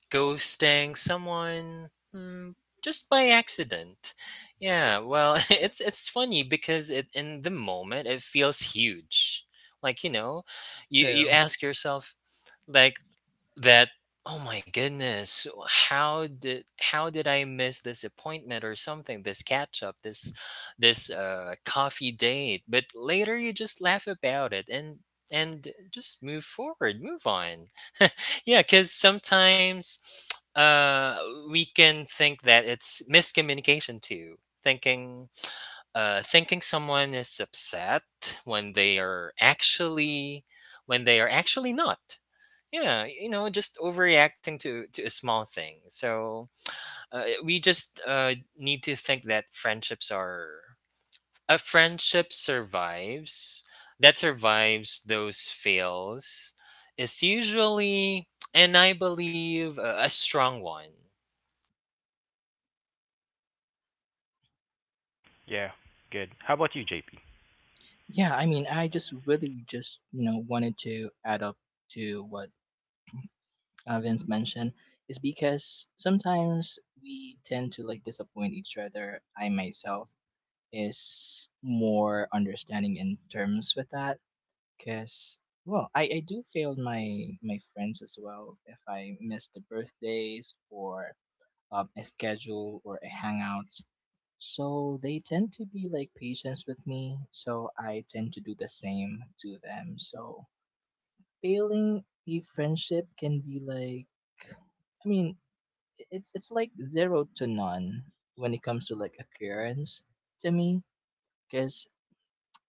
Speaker 3: ghosting someone, mm, just by accident. Yeah, well, it's funny because it in the moment it feels huge. Like you know, you
Speaker 2: True.
Speaker 3: ask yourself like that. Oh my goodness, how did I miss this appointment or something? This catch up, this coffee date. But later you just laugh about it and just move forward, move on. Yeah, because sometimes uh, we can think that it's miscommunication too. Thinking, thinking someone is upset when they are when they are actually not. Yeah, you know, just overreacting to a small thing. So we just need to think that friendships are a friendship survives, that survives those fails, is usually, and I believe, a strong one.
Speaker 1: Yeah, good. How about you, JP?
Speaker 2: Yeah, I mean, I just really just, you know, wanted to add up to what Vince mentioned is because sometimes we tend to like disappoint each other. I myself is more understanding in terms with that, because well, I do fail my my friends as well if I miss the birthdays or a schedule or a hangout. So they tend to be like patients with me, so I tend to do the same to them. So failing a friendship can be like, I mean, it's like zero to none when it comes to like occurrence to me, because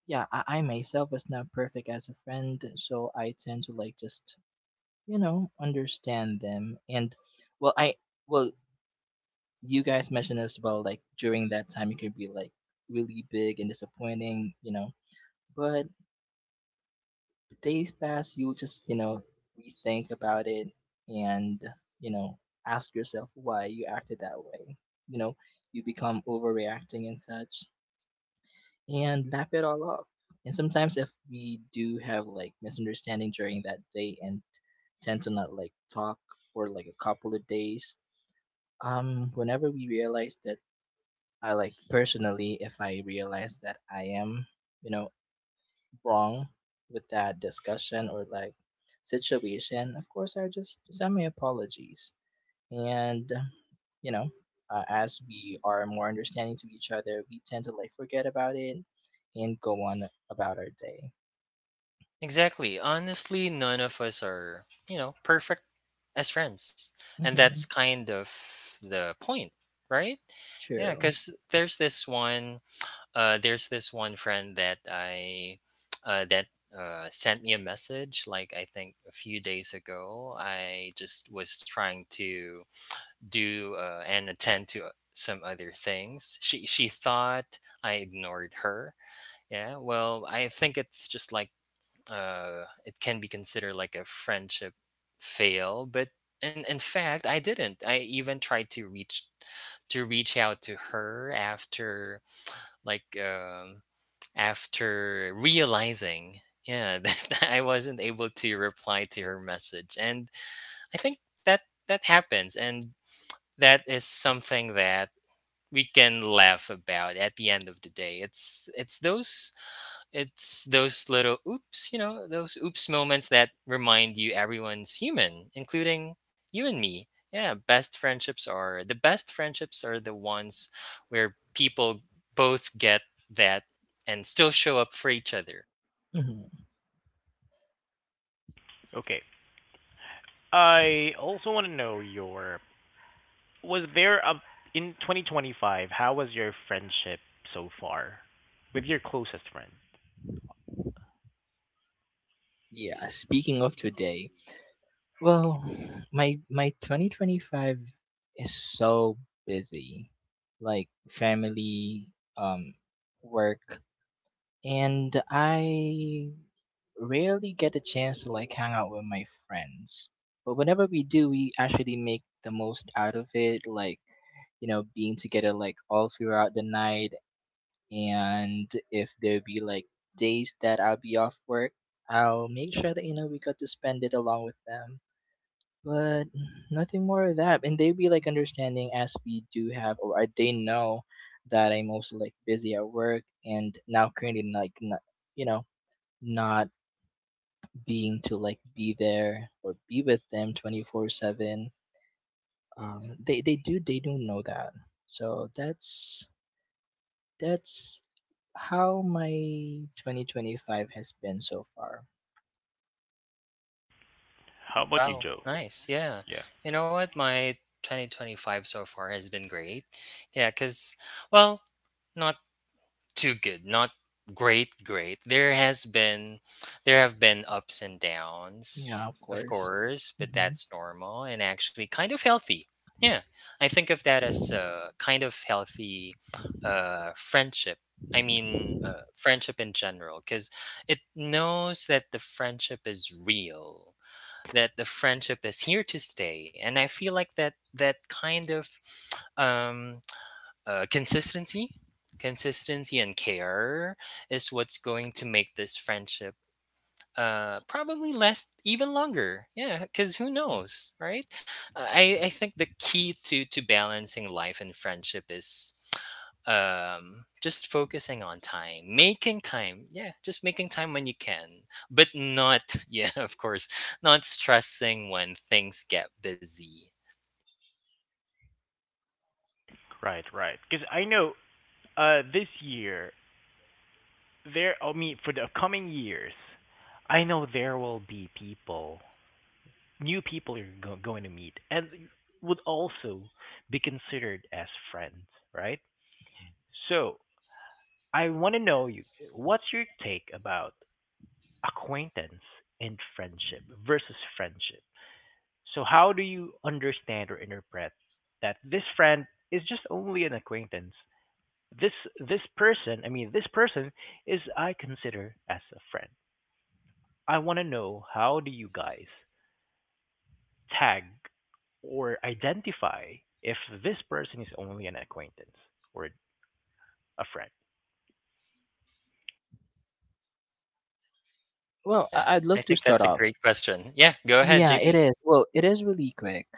Speaker 2: yeah, I myself is not perfect as a friend, so I tend to like just, you know, understand them. And well, I, well, you guys mentioned as well, like during that time, it could be like really big and disappointing, you know. But days pass, you just, you know, rethink about it and, you know, ask yourself why you acted that way. You know, you become overreacting and such, and laugh it all off. And sometimes if we do have like misunderstanding during that day and tend to not like talk for like a couple of days, whenever we realize that, I like personally, if I realize that I am, you know, wrong with that discussion or like situation, of course, I just send my apologies. And, you know, as we are more understanding to each other, we tend to like forget about it and go on about our day.
Speaker 3: Exactly. Honestly, none of us are, you know, perfect as friends, and that's
Speaker 2: Hmm.
Speaker 3: kind of the point, right? Yeah,
Speaker 2: True.
Speaker 3: because there's this one friend that I that sent me a message like I think a few days ago. I just was trying to do and attend to some other things. She thought I ignored her. Yeah. Well, I think it's just like, it can be considered like a friendship fail, but in fact, I didn't. I even tried to reach out to her after like after realizing, yeah, that I wasn't able to reply to her message. And I think that that happens, and that is something that we can laugh about at the end of the day. It's it's those it's those little oops, you know those oops moments that remind you everyone's human, including you and me. Yeah, best friendships are the ones where people both get that and still show up for each other.
Speaker 2: Hmm.
Speaker 1: Okay. I also want to know your Was there a in 2025, how was your friendship so far with your closest friend?
Speaker 2: Yeah. Speaking of today, well, my 2025 is so busy. Like family, um work, and I rarely get the chance to like hang out with my friends. But whenever we do, we actually make the most out of it, like, you know, being together like all throughout the night. And if there be like days that I'll be off work, I'll make sure that, you know, we got to spend it along with them. But nothing more of that. And they'd be like understanding, as we do have, or I-, they know that I'm also like busy at work and now currently like not, you know, not being to like be there or be with them 24/7. They do know that. So that's how my 2025 has been so far.
Speaker 1: How about you,
Speaker 3: Wow,
Speaker 1: Joe?
Speaker 3: nice, yeah.
Speaker 1: Yeah.
Speaker 3: You know what, my 2025 so far has been great. Yeah, cuz well, not too good, not great. There has been, there have been ups and
Speaker 2: Yeah,
Speaker 3: downs,
Speaker 2: of
Speaker 3: of
Speaker 2: course.
Speaker 3: course, but
Speaker 2: Hmm.
Speaker 3: that's normal and actually kind of healthy. Yeah, I think of that as a kind of healthy friendship. I mean, friendship in general, because it knows that the friendship is real, that the friendship is here to stay. And I feel like that that kind of um uh, consistency consistency and care is what's going to make this friendship probably last even longer. Yeah, because who knows, right? I think the key to balancing life and friendship is just focusing on time, making time. Yeah, just making time when you can, but not yeah, of course, not stressing when things get busy.
Speaker 1: Right, right. Because I know, this year, I mean, for the coming years, I know there will be people, new people you're going to meet, and would also be considered as friends, right? So I want to know you, what's your take about acquaintance and friendship versus friendship? So how do you understand or interpret that this friend is just only an acquaintance? This this person, I mean, this person is, I consider as a friend. I want to know, how do you guys tag or identify if this person is only an acquaintance or a friend?
Speaker 2: Well,
Speaker 3: Yeah,
Speaker 2: I- I'd
Speaker 3: I
Speaker 2: love to
Speaker 3: think
Speaker 2: start
Speaker 3: that's a
Speaker 2: off.
Speaker 3: great question. Yeah, go ahead,
Speaker 2: Yeah, it
Speaker 3: JP.
Speaker 2: is. Well, it is really quick.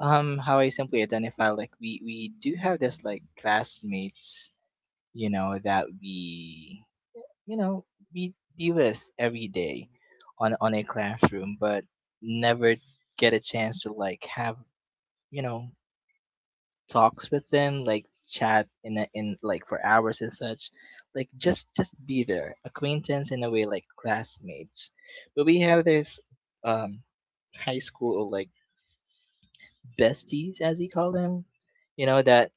Speaker 2: How I simply identify, like we do have this like classmates, you know, that we, you know, we be with every day on a classroom, but never get a chance to like have, you know, talks with them, like chat in a, in like for hours and such. Like just be there, acquaintance in a way, like classmates. But we have this um high school or like besties, as we call them, you know, that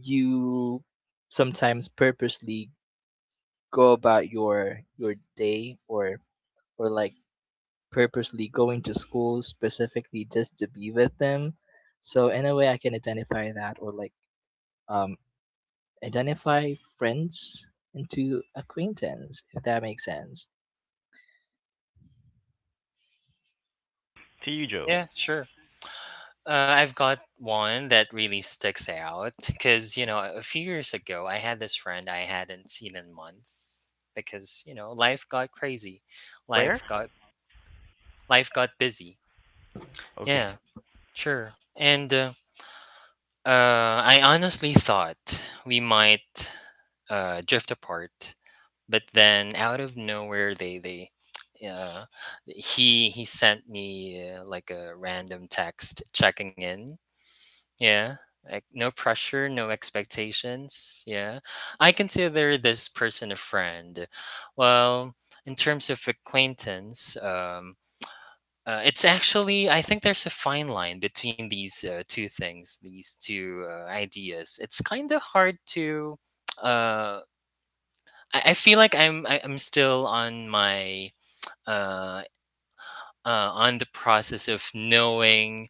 Speaker 2: you sometimes purposely go about your day, or like purposely going to school specifically just to be with them. So in a way, I can identify that, or like um identify friends into acquaintance, if that makes sense.
Speaker 1: To you, Joe.
Speaker 3: Yeah, sure. Uh, I've got one that really sticks out because, you know, a few years ago, I had this friend I hadn't seen in months because, you know, life got crazy.
Speaker 1: Where?
Speaker 3: Life got life got busy.
Speaker 1: Okay.
Speaker 3: Yeah, sure. And uh, I honestly thought we might drift apart, but then out of nowhere, they uh, he sent me like a random text checking in. Yeah. Like no pressure, no expectations. Yeah. I consider this person a friend. Well, in terms of acquaintance, it's actually, I think there's a fine line between these two things, these two ideas. It's kind of hard to, uh, I feel like I'm still on my uh, on the process of knowing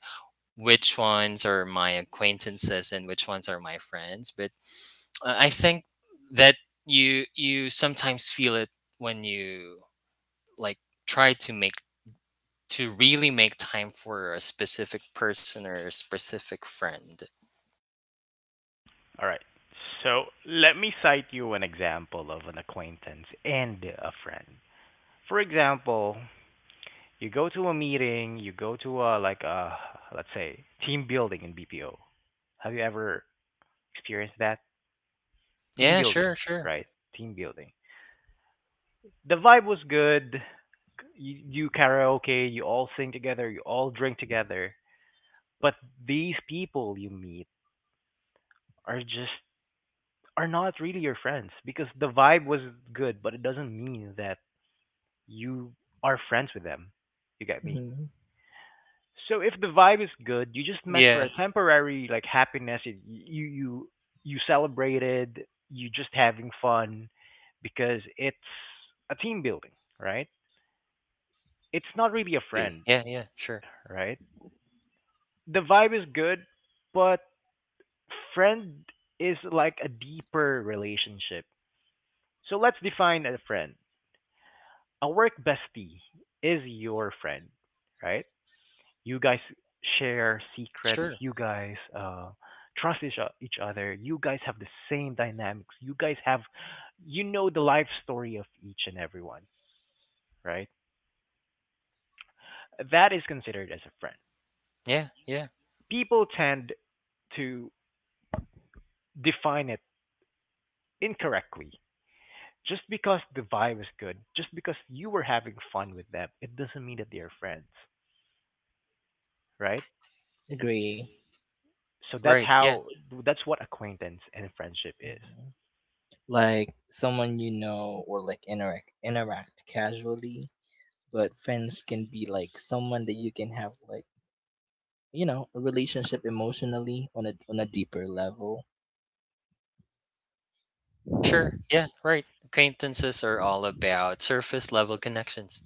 Speaker 3: which ones are my acquaintances and which ones are my friends. But I think that you sometimes feel it when you like try to make to really make time for a specific person or a specific friend.
Speaker 1: All right. So let me cite you an example of an acquaintance and a friend. For example, you go to a meeting, you go to a let's say team building in BPO. Have you ever experienced that team
Speaker 3: Yeah,
Speaker 1: building,
Speaker 3: sure, sure.
Speaker 1: right? Team building. The vibe was good. You karaoke, you all sing together, you all drink together. But these people you meet are just are not really your friends because the vibe was good, but it doesn't mean that you are friends with them. You get me?
Speaker 2: Hmm.
Speaker 1: So if the vibe is good, you just met for
Speaker 3: Yeah,
Speaker 1: a temporary like happiness. You celebrated. You just having fun because it's a team building, right? It's not really a
Speaker 3: exactly.
Speaker 1: friend,
Speaker 3: Yeah, yeah, sure.
Speaker 1: right? The vibe is good, but friend is like a deeper relationship. So let's define a friend. A work bestie is your friend, right? You guys share secrets.
Speaker 3: Sure.
Speaker 1: You guys trust each other. You guys have the same dynamics. You guys have, you know, the life story of each and everyone, right? That is considered as a friend.
Speaker 3: Yeah, yeah.
Speaker 1: People tend to define it incorrectly. Just because the vibe is good, just because you were having fun with them, it doesn't mean that they are friends, right?
Speaker 2: Agree.
Speaker 1: So
Speaker 3: Right. Yeah,
Speaker 1: that's what acquaintance and friendship is.
Speaker 2: Mhm. Like someone you know, or like interact casually, but friends can be like someone that you can have like, you know, a relationship emotionally on a deeper level.
Speaker 3: for sure. Yeah, right. Acquaintances are all about surface level connections.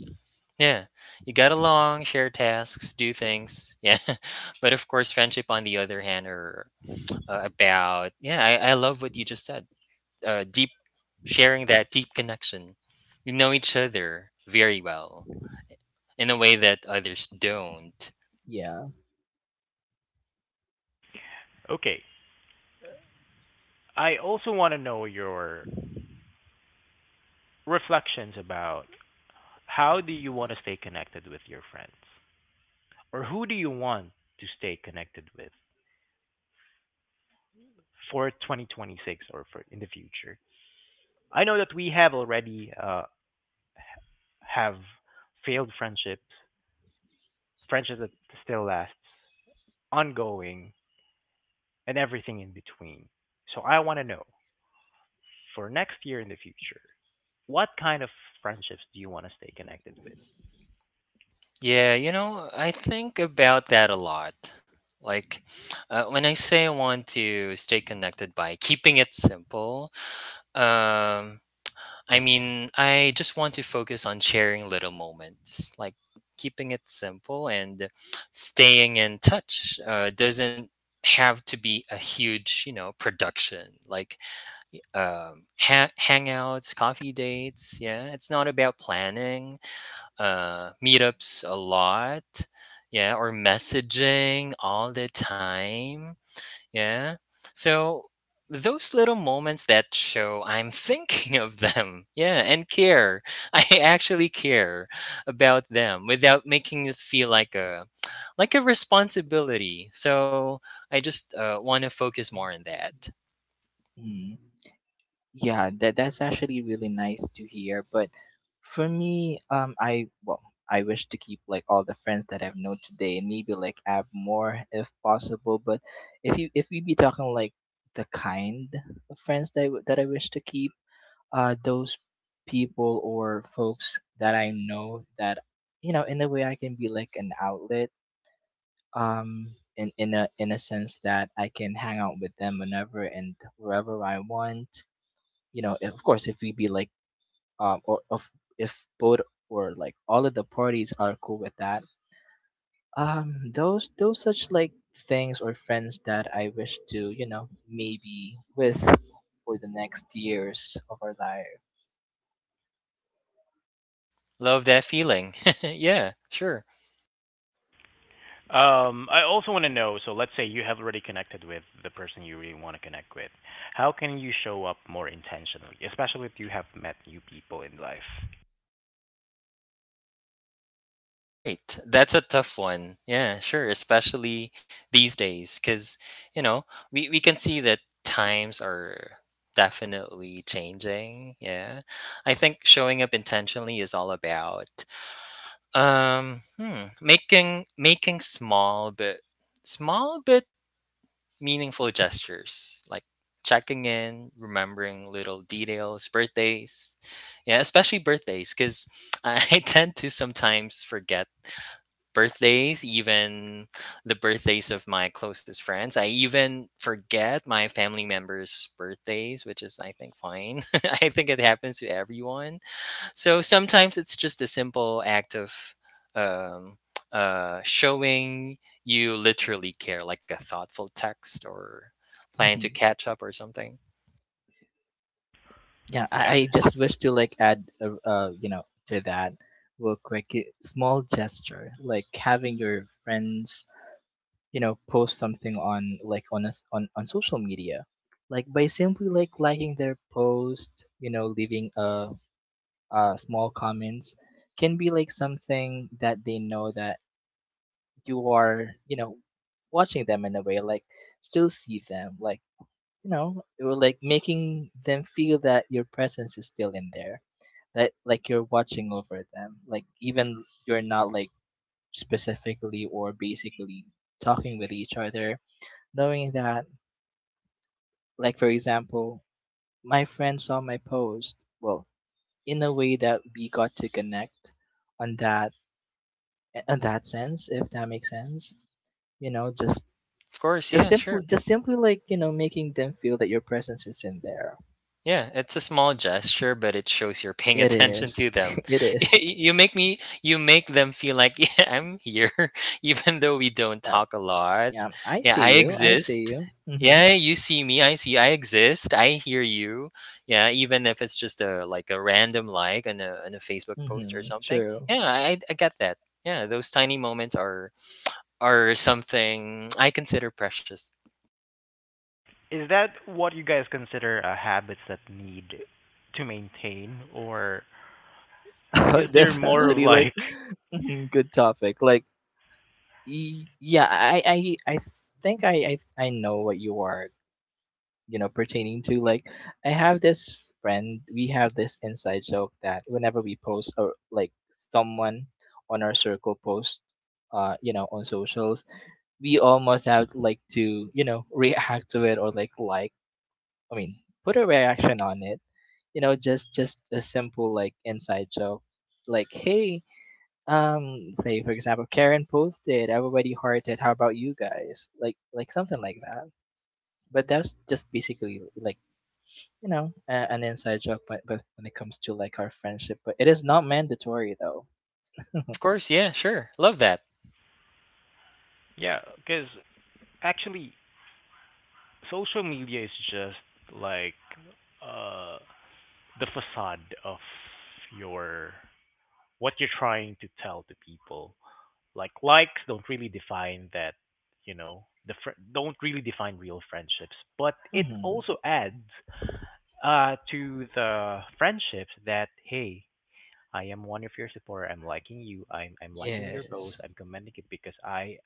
Speaker 3: Yeah, you get along, share tasks, do things. Yeah, but of course, friendship on the other hand are about, yeah. I love what you just said. Deep, sharing that deep connection. You know each other very well in a way that others don't.
Speaker 2: Yeah.
Speaker 1: Okay. I also want to know your reflections about how do you want to stay connected with your friends, or who do you want to stay connected with for 2026 or for in the future? I know that we have already have failed friendships that still last, ongoing, and everything in between. So I want to know, for next year, in the future, what kind of friendships do you want to stay connected with?
Speaker 3: Yeah, you know, I think about that a lot. Like when I say I want to stay connected by keeping it simple, um, I mean, I just want to focus on sharing little moments, like keeping it simple and staying in touch. Doesn't have to be a huge, you know, production like hangouts, coffee dates. Yeah, it's not about planning meetups a lot. Yeah, or messaging all the time, yeah. So those little moments that show I'm thinking of them. Yeah, and care. I actually care about them without making it feel like a responsibility. So I just want to focus more on that.
Speaker 2: Mm. Yeah, that's actually really nice to hear. But for me, I I wish to keep like all the friends that I've known today and maybe like add more if possible. But if you if we be talking like the kind of friends that that I wish to keep, those people or folks that I know that you know in a way I can be like an outlet, um in a sense that I can hang out with them whenever and wherever I want. You know, of course, if we be like, or of if both or like all of the parties are cool with that, those such like things or friends that I wish to you know maybe with for the next years of our life.
Speaker 3: Love that feeling. Yeah, sure.
Speaker 1: I also want to know. So let's say you have already connected with the person you really want to connect with. How can you show up more intentionally, especially if you have met new people in life?
Speaker 3: Right. That's a tough one. Yeah, sure. Especially these days, because, you know, we can see that times are definitely changing. Yeah. I think showing up intentionally is all about making small but meaningful gestures like checking in, remembering little details, birthdays. Yeah, especially birthdays, because I tend to sometimes forget birthdays, even the birthdays of my closest friends. I even forget my family members' birthdays, which is, I think, fine. I think it happens to everyone. So sometimes it's just a simple act of um, showing you literally care, like a thoughtful text or plan to
Speaker 2: Mm-hmm.
Speaker 3: catch up or something.
Speaker 2: Yeah, I,
Speaker 1: Yeah.
Speaker 2: I just wish to like add, you know, to that real quick. Small gesture, like having your friends, you know, post something on like on us on social media, like by simply like liking their post, you know, leaving a small comments, can be like something that they know that you are, you know, watching them in a way, like still see them, like you know it, or like making them feel that your presence is still in there, that like you're watching over them like even you're not like specifically or basically talking with each other, knowing that like for example my friend saw my post, well, in a way that we got to connect on that on that sense, if that makes sense. You know, just
Speaker 3: Of course, yeah,
Speaker 2: just
Speaker 3: sure.
Speaker 2: simply, just simply like you know making them feel that your presence is in there.
Speaker 3: Yeah, it's a small gesture, but it shows you're paying
Speaker 2: It
Speaker 3: attention
Speaker 2: is.
Speaker 3: to them.
Speaker 2: It is.
Speaker 3: You make them feel like, yeah, I'm here, even though we don't
Speaker 2: Uh,
Speaker 3: talk a lot.
Speaker 2: Yeah, I
Speaker 3: Yeah, I
Speaker 2: see you. I see
Speaker 3: exist.
Speaker 2: you.
Speaker 3: Yeah,
Speaker 2: Mhm.
Speaker 3: you see me, I see you, I exist, I hear you. Yeah, even if it's just a like a random like on a Facebook post or
Speaker 2: Mhm.
Speaker 3: something.
Speaker 2: True.
Speaker 3: Yeah, I get that. Yeah, those tiny moments are something I consider precious.
Speaker 1: Is that what you guys consider habits that need to maintain, or is there
Speaker 2: That's
Speaker 1: more of
Speaker 2: actually like,
Speaker 1: like
Speaker 2: mhm, good topic. Like yeah, I I think I know what you are, you know, pertaining to. Like I have this friend, we have this inside joke that whenever we post or like someone on our circle post, you know, on socials, we almost have like to, you know, react to it or like I mean, put a reaction on it. You know, just a simple like inside joke, like hey, say for example, karen posted, everybody hearted, how about you guys like something like that. But that's just basically like, you know, a, an inside joke. But when it comes to like our friendship, but it is not mandatory though.
Speaker 3: Of course, yeah, sure. Love that.
Speaker 1: yeah? Because actually, social media is just like uh the facade of your what you're trying to tell to people. Like, likes don't really define that, you know, don't really define real friendships, but it
Speaker 2: Hmm.
Speaker 1: also adds to the friendships that, hey, I am one of your supporter. I'm liking you. I'm liking your post.
Speaker 2: Yes.
Speaker 1: I'm commenting it because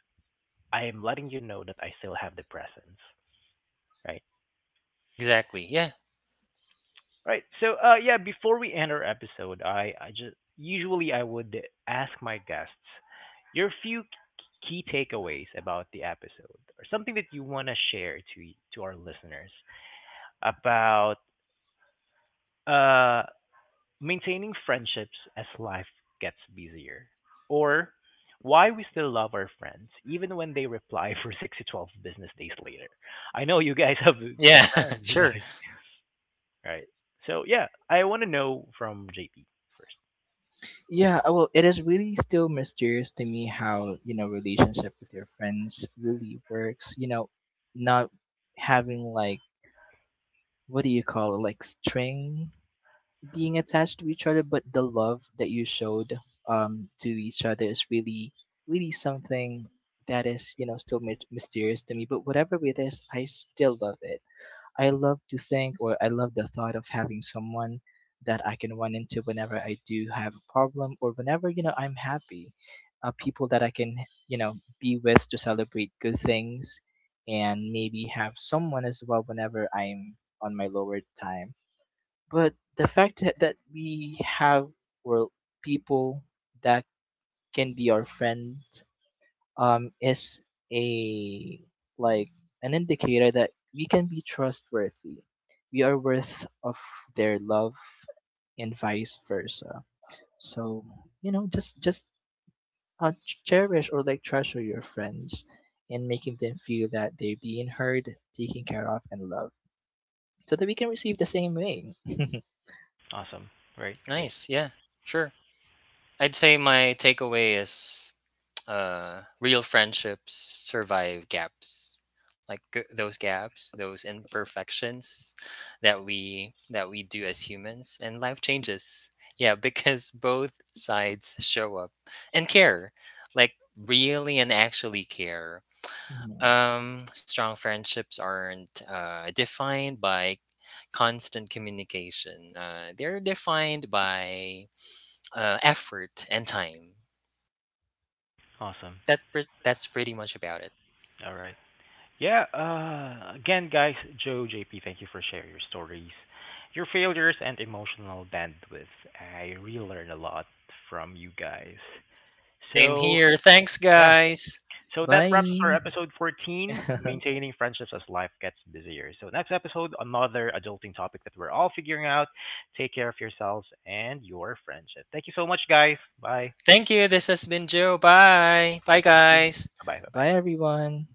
Speaker 1: I am letting you know that I still have the presence, right?
Speaker 3: Exactly. Yeah.
Speaker 1: Right. So, yeah, before we end our episode, I just usually I would ask my guests your few key takeaways about the episode or something that you want to share to our listeners about uh maintaining friendships as life gets busier or why we still love our friends even when they reply for 6 to 12 business days later. I know you guys have
Speaker 3: Yeah,
Speaker 1: friends
Speaker 3: sure.
Speaker 1: like right. So, yeah, I want to know from JP first.
Speaker 2: Yeah, well, it is really still mysterious to me how, you know, relationship with your friends really works. You know, not having like, what do you call it, like string being attached to each other, but the love that you showed to each other is really, really something that is, you know, still mysterious to me. But whatever it is, I still love it. I love to think, or I love the thought of having someone that I can run into whenever I do have a problem, or whenever, you know, I'm happy. People that I can, you know, be with to celebrate good things, and maybe have someone as well whenever I'm on my lower time. But the fact that we have, well, people that can be our friends, is a like an indicator that we can be trustworthy. We are worth of their love, and vice versa. So, you know, just cherish or like treasure your friends, and making them feel that they're being heard, taken care of, and loved, so that we can receive the same way.
Speaker 1: Awesome. Right. Great.
Speaker 3: Nice. Yeah. Sure. I'd say my takeaway is real friendships survive gaps. Like those gaps, those imperfections that we do as humans and life changes. Yeah, because both sides show up and care. Like really and actually care.
Speaker 2: Mhm.
Speaker 3: Strong friendships aren't defined by constant communication. They're defined by effort and time. Yeah,
Speaker 1: Awesome.
Speaker 3: that's pretty much about it.
Speaker 1: All right. Yeah. Again, guys, Joe, JP, thank you for sharing your stories, your failures, and emotional bandwidth. I really learned a lot from you guys.
Speaker 3: Same
Speaker 1: So,
Speaker 3: here. Thanks,
Speaker 1: yeah.
Speaker 3: guys.
Speaker 1: So that wraps up our
Speaker 2: Bye.
Speaker 1: episode 14, maintaining friendships as life gets busier. So, next episode, another adulting topic that we're all figuring out. Take care of yourselves and your friendship. Thank you so much, guys. Bye.
Speaker 3: Thank you. This has been Joe. Bye. Bye,
Speaker 1: Thank you.
Speaker 3: guys.
Speaker 1: Bye bye. Bye
Speaker 2: Bye,
Speaker 1: bye.
Speaker 2: everyone.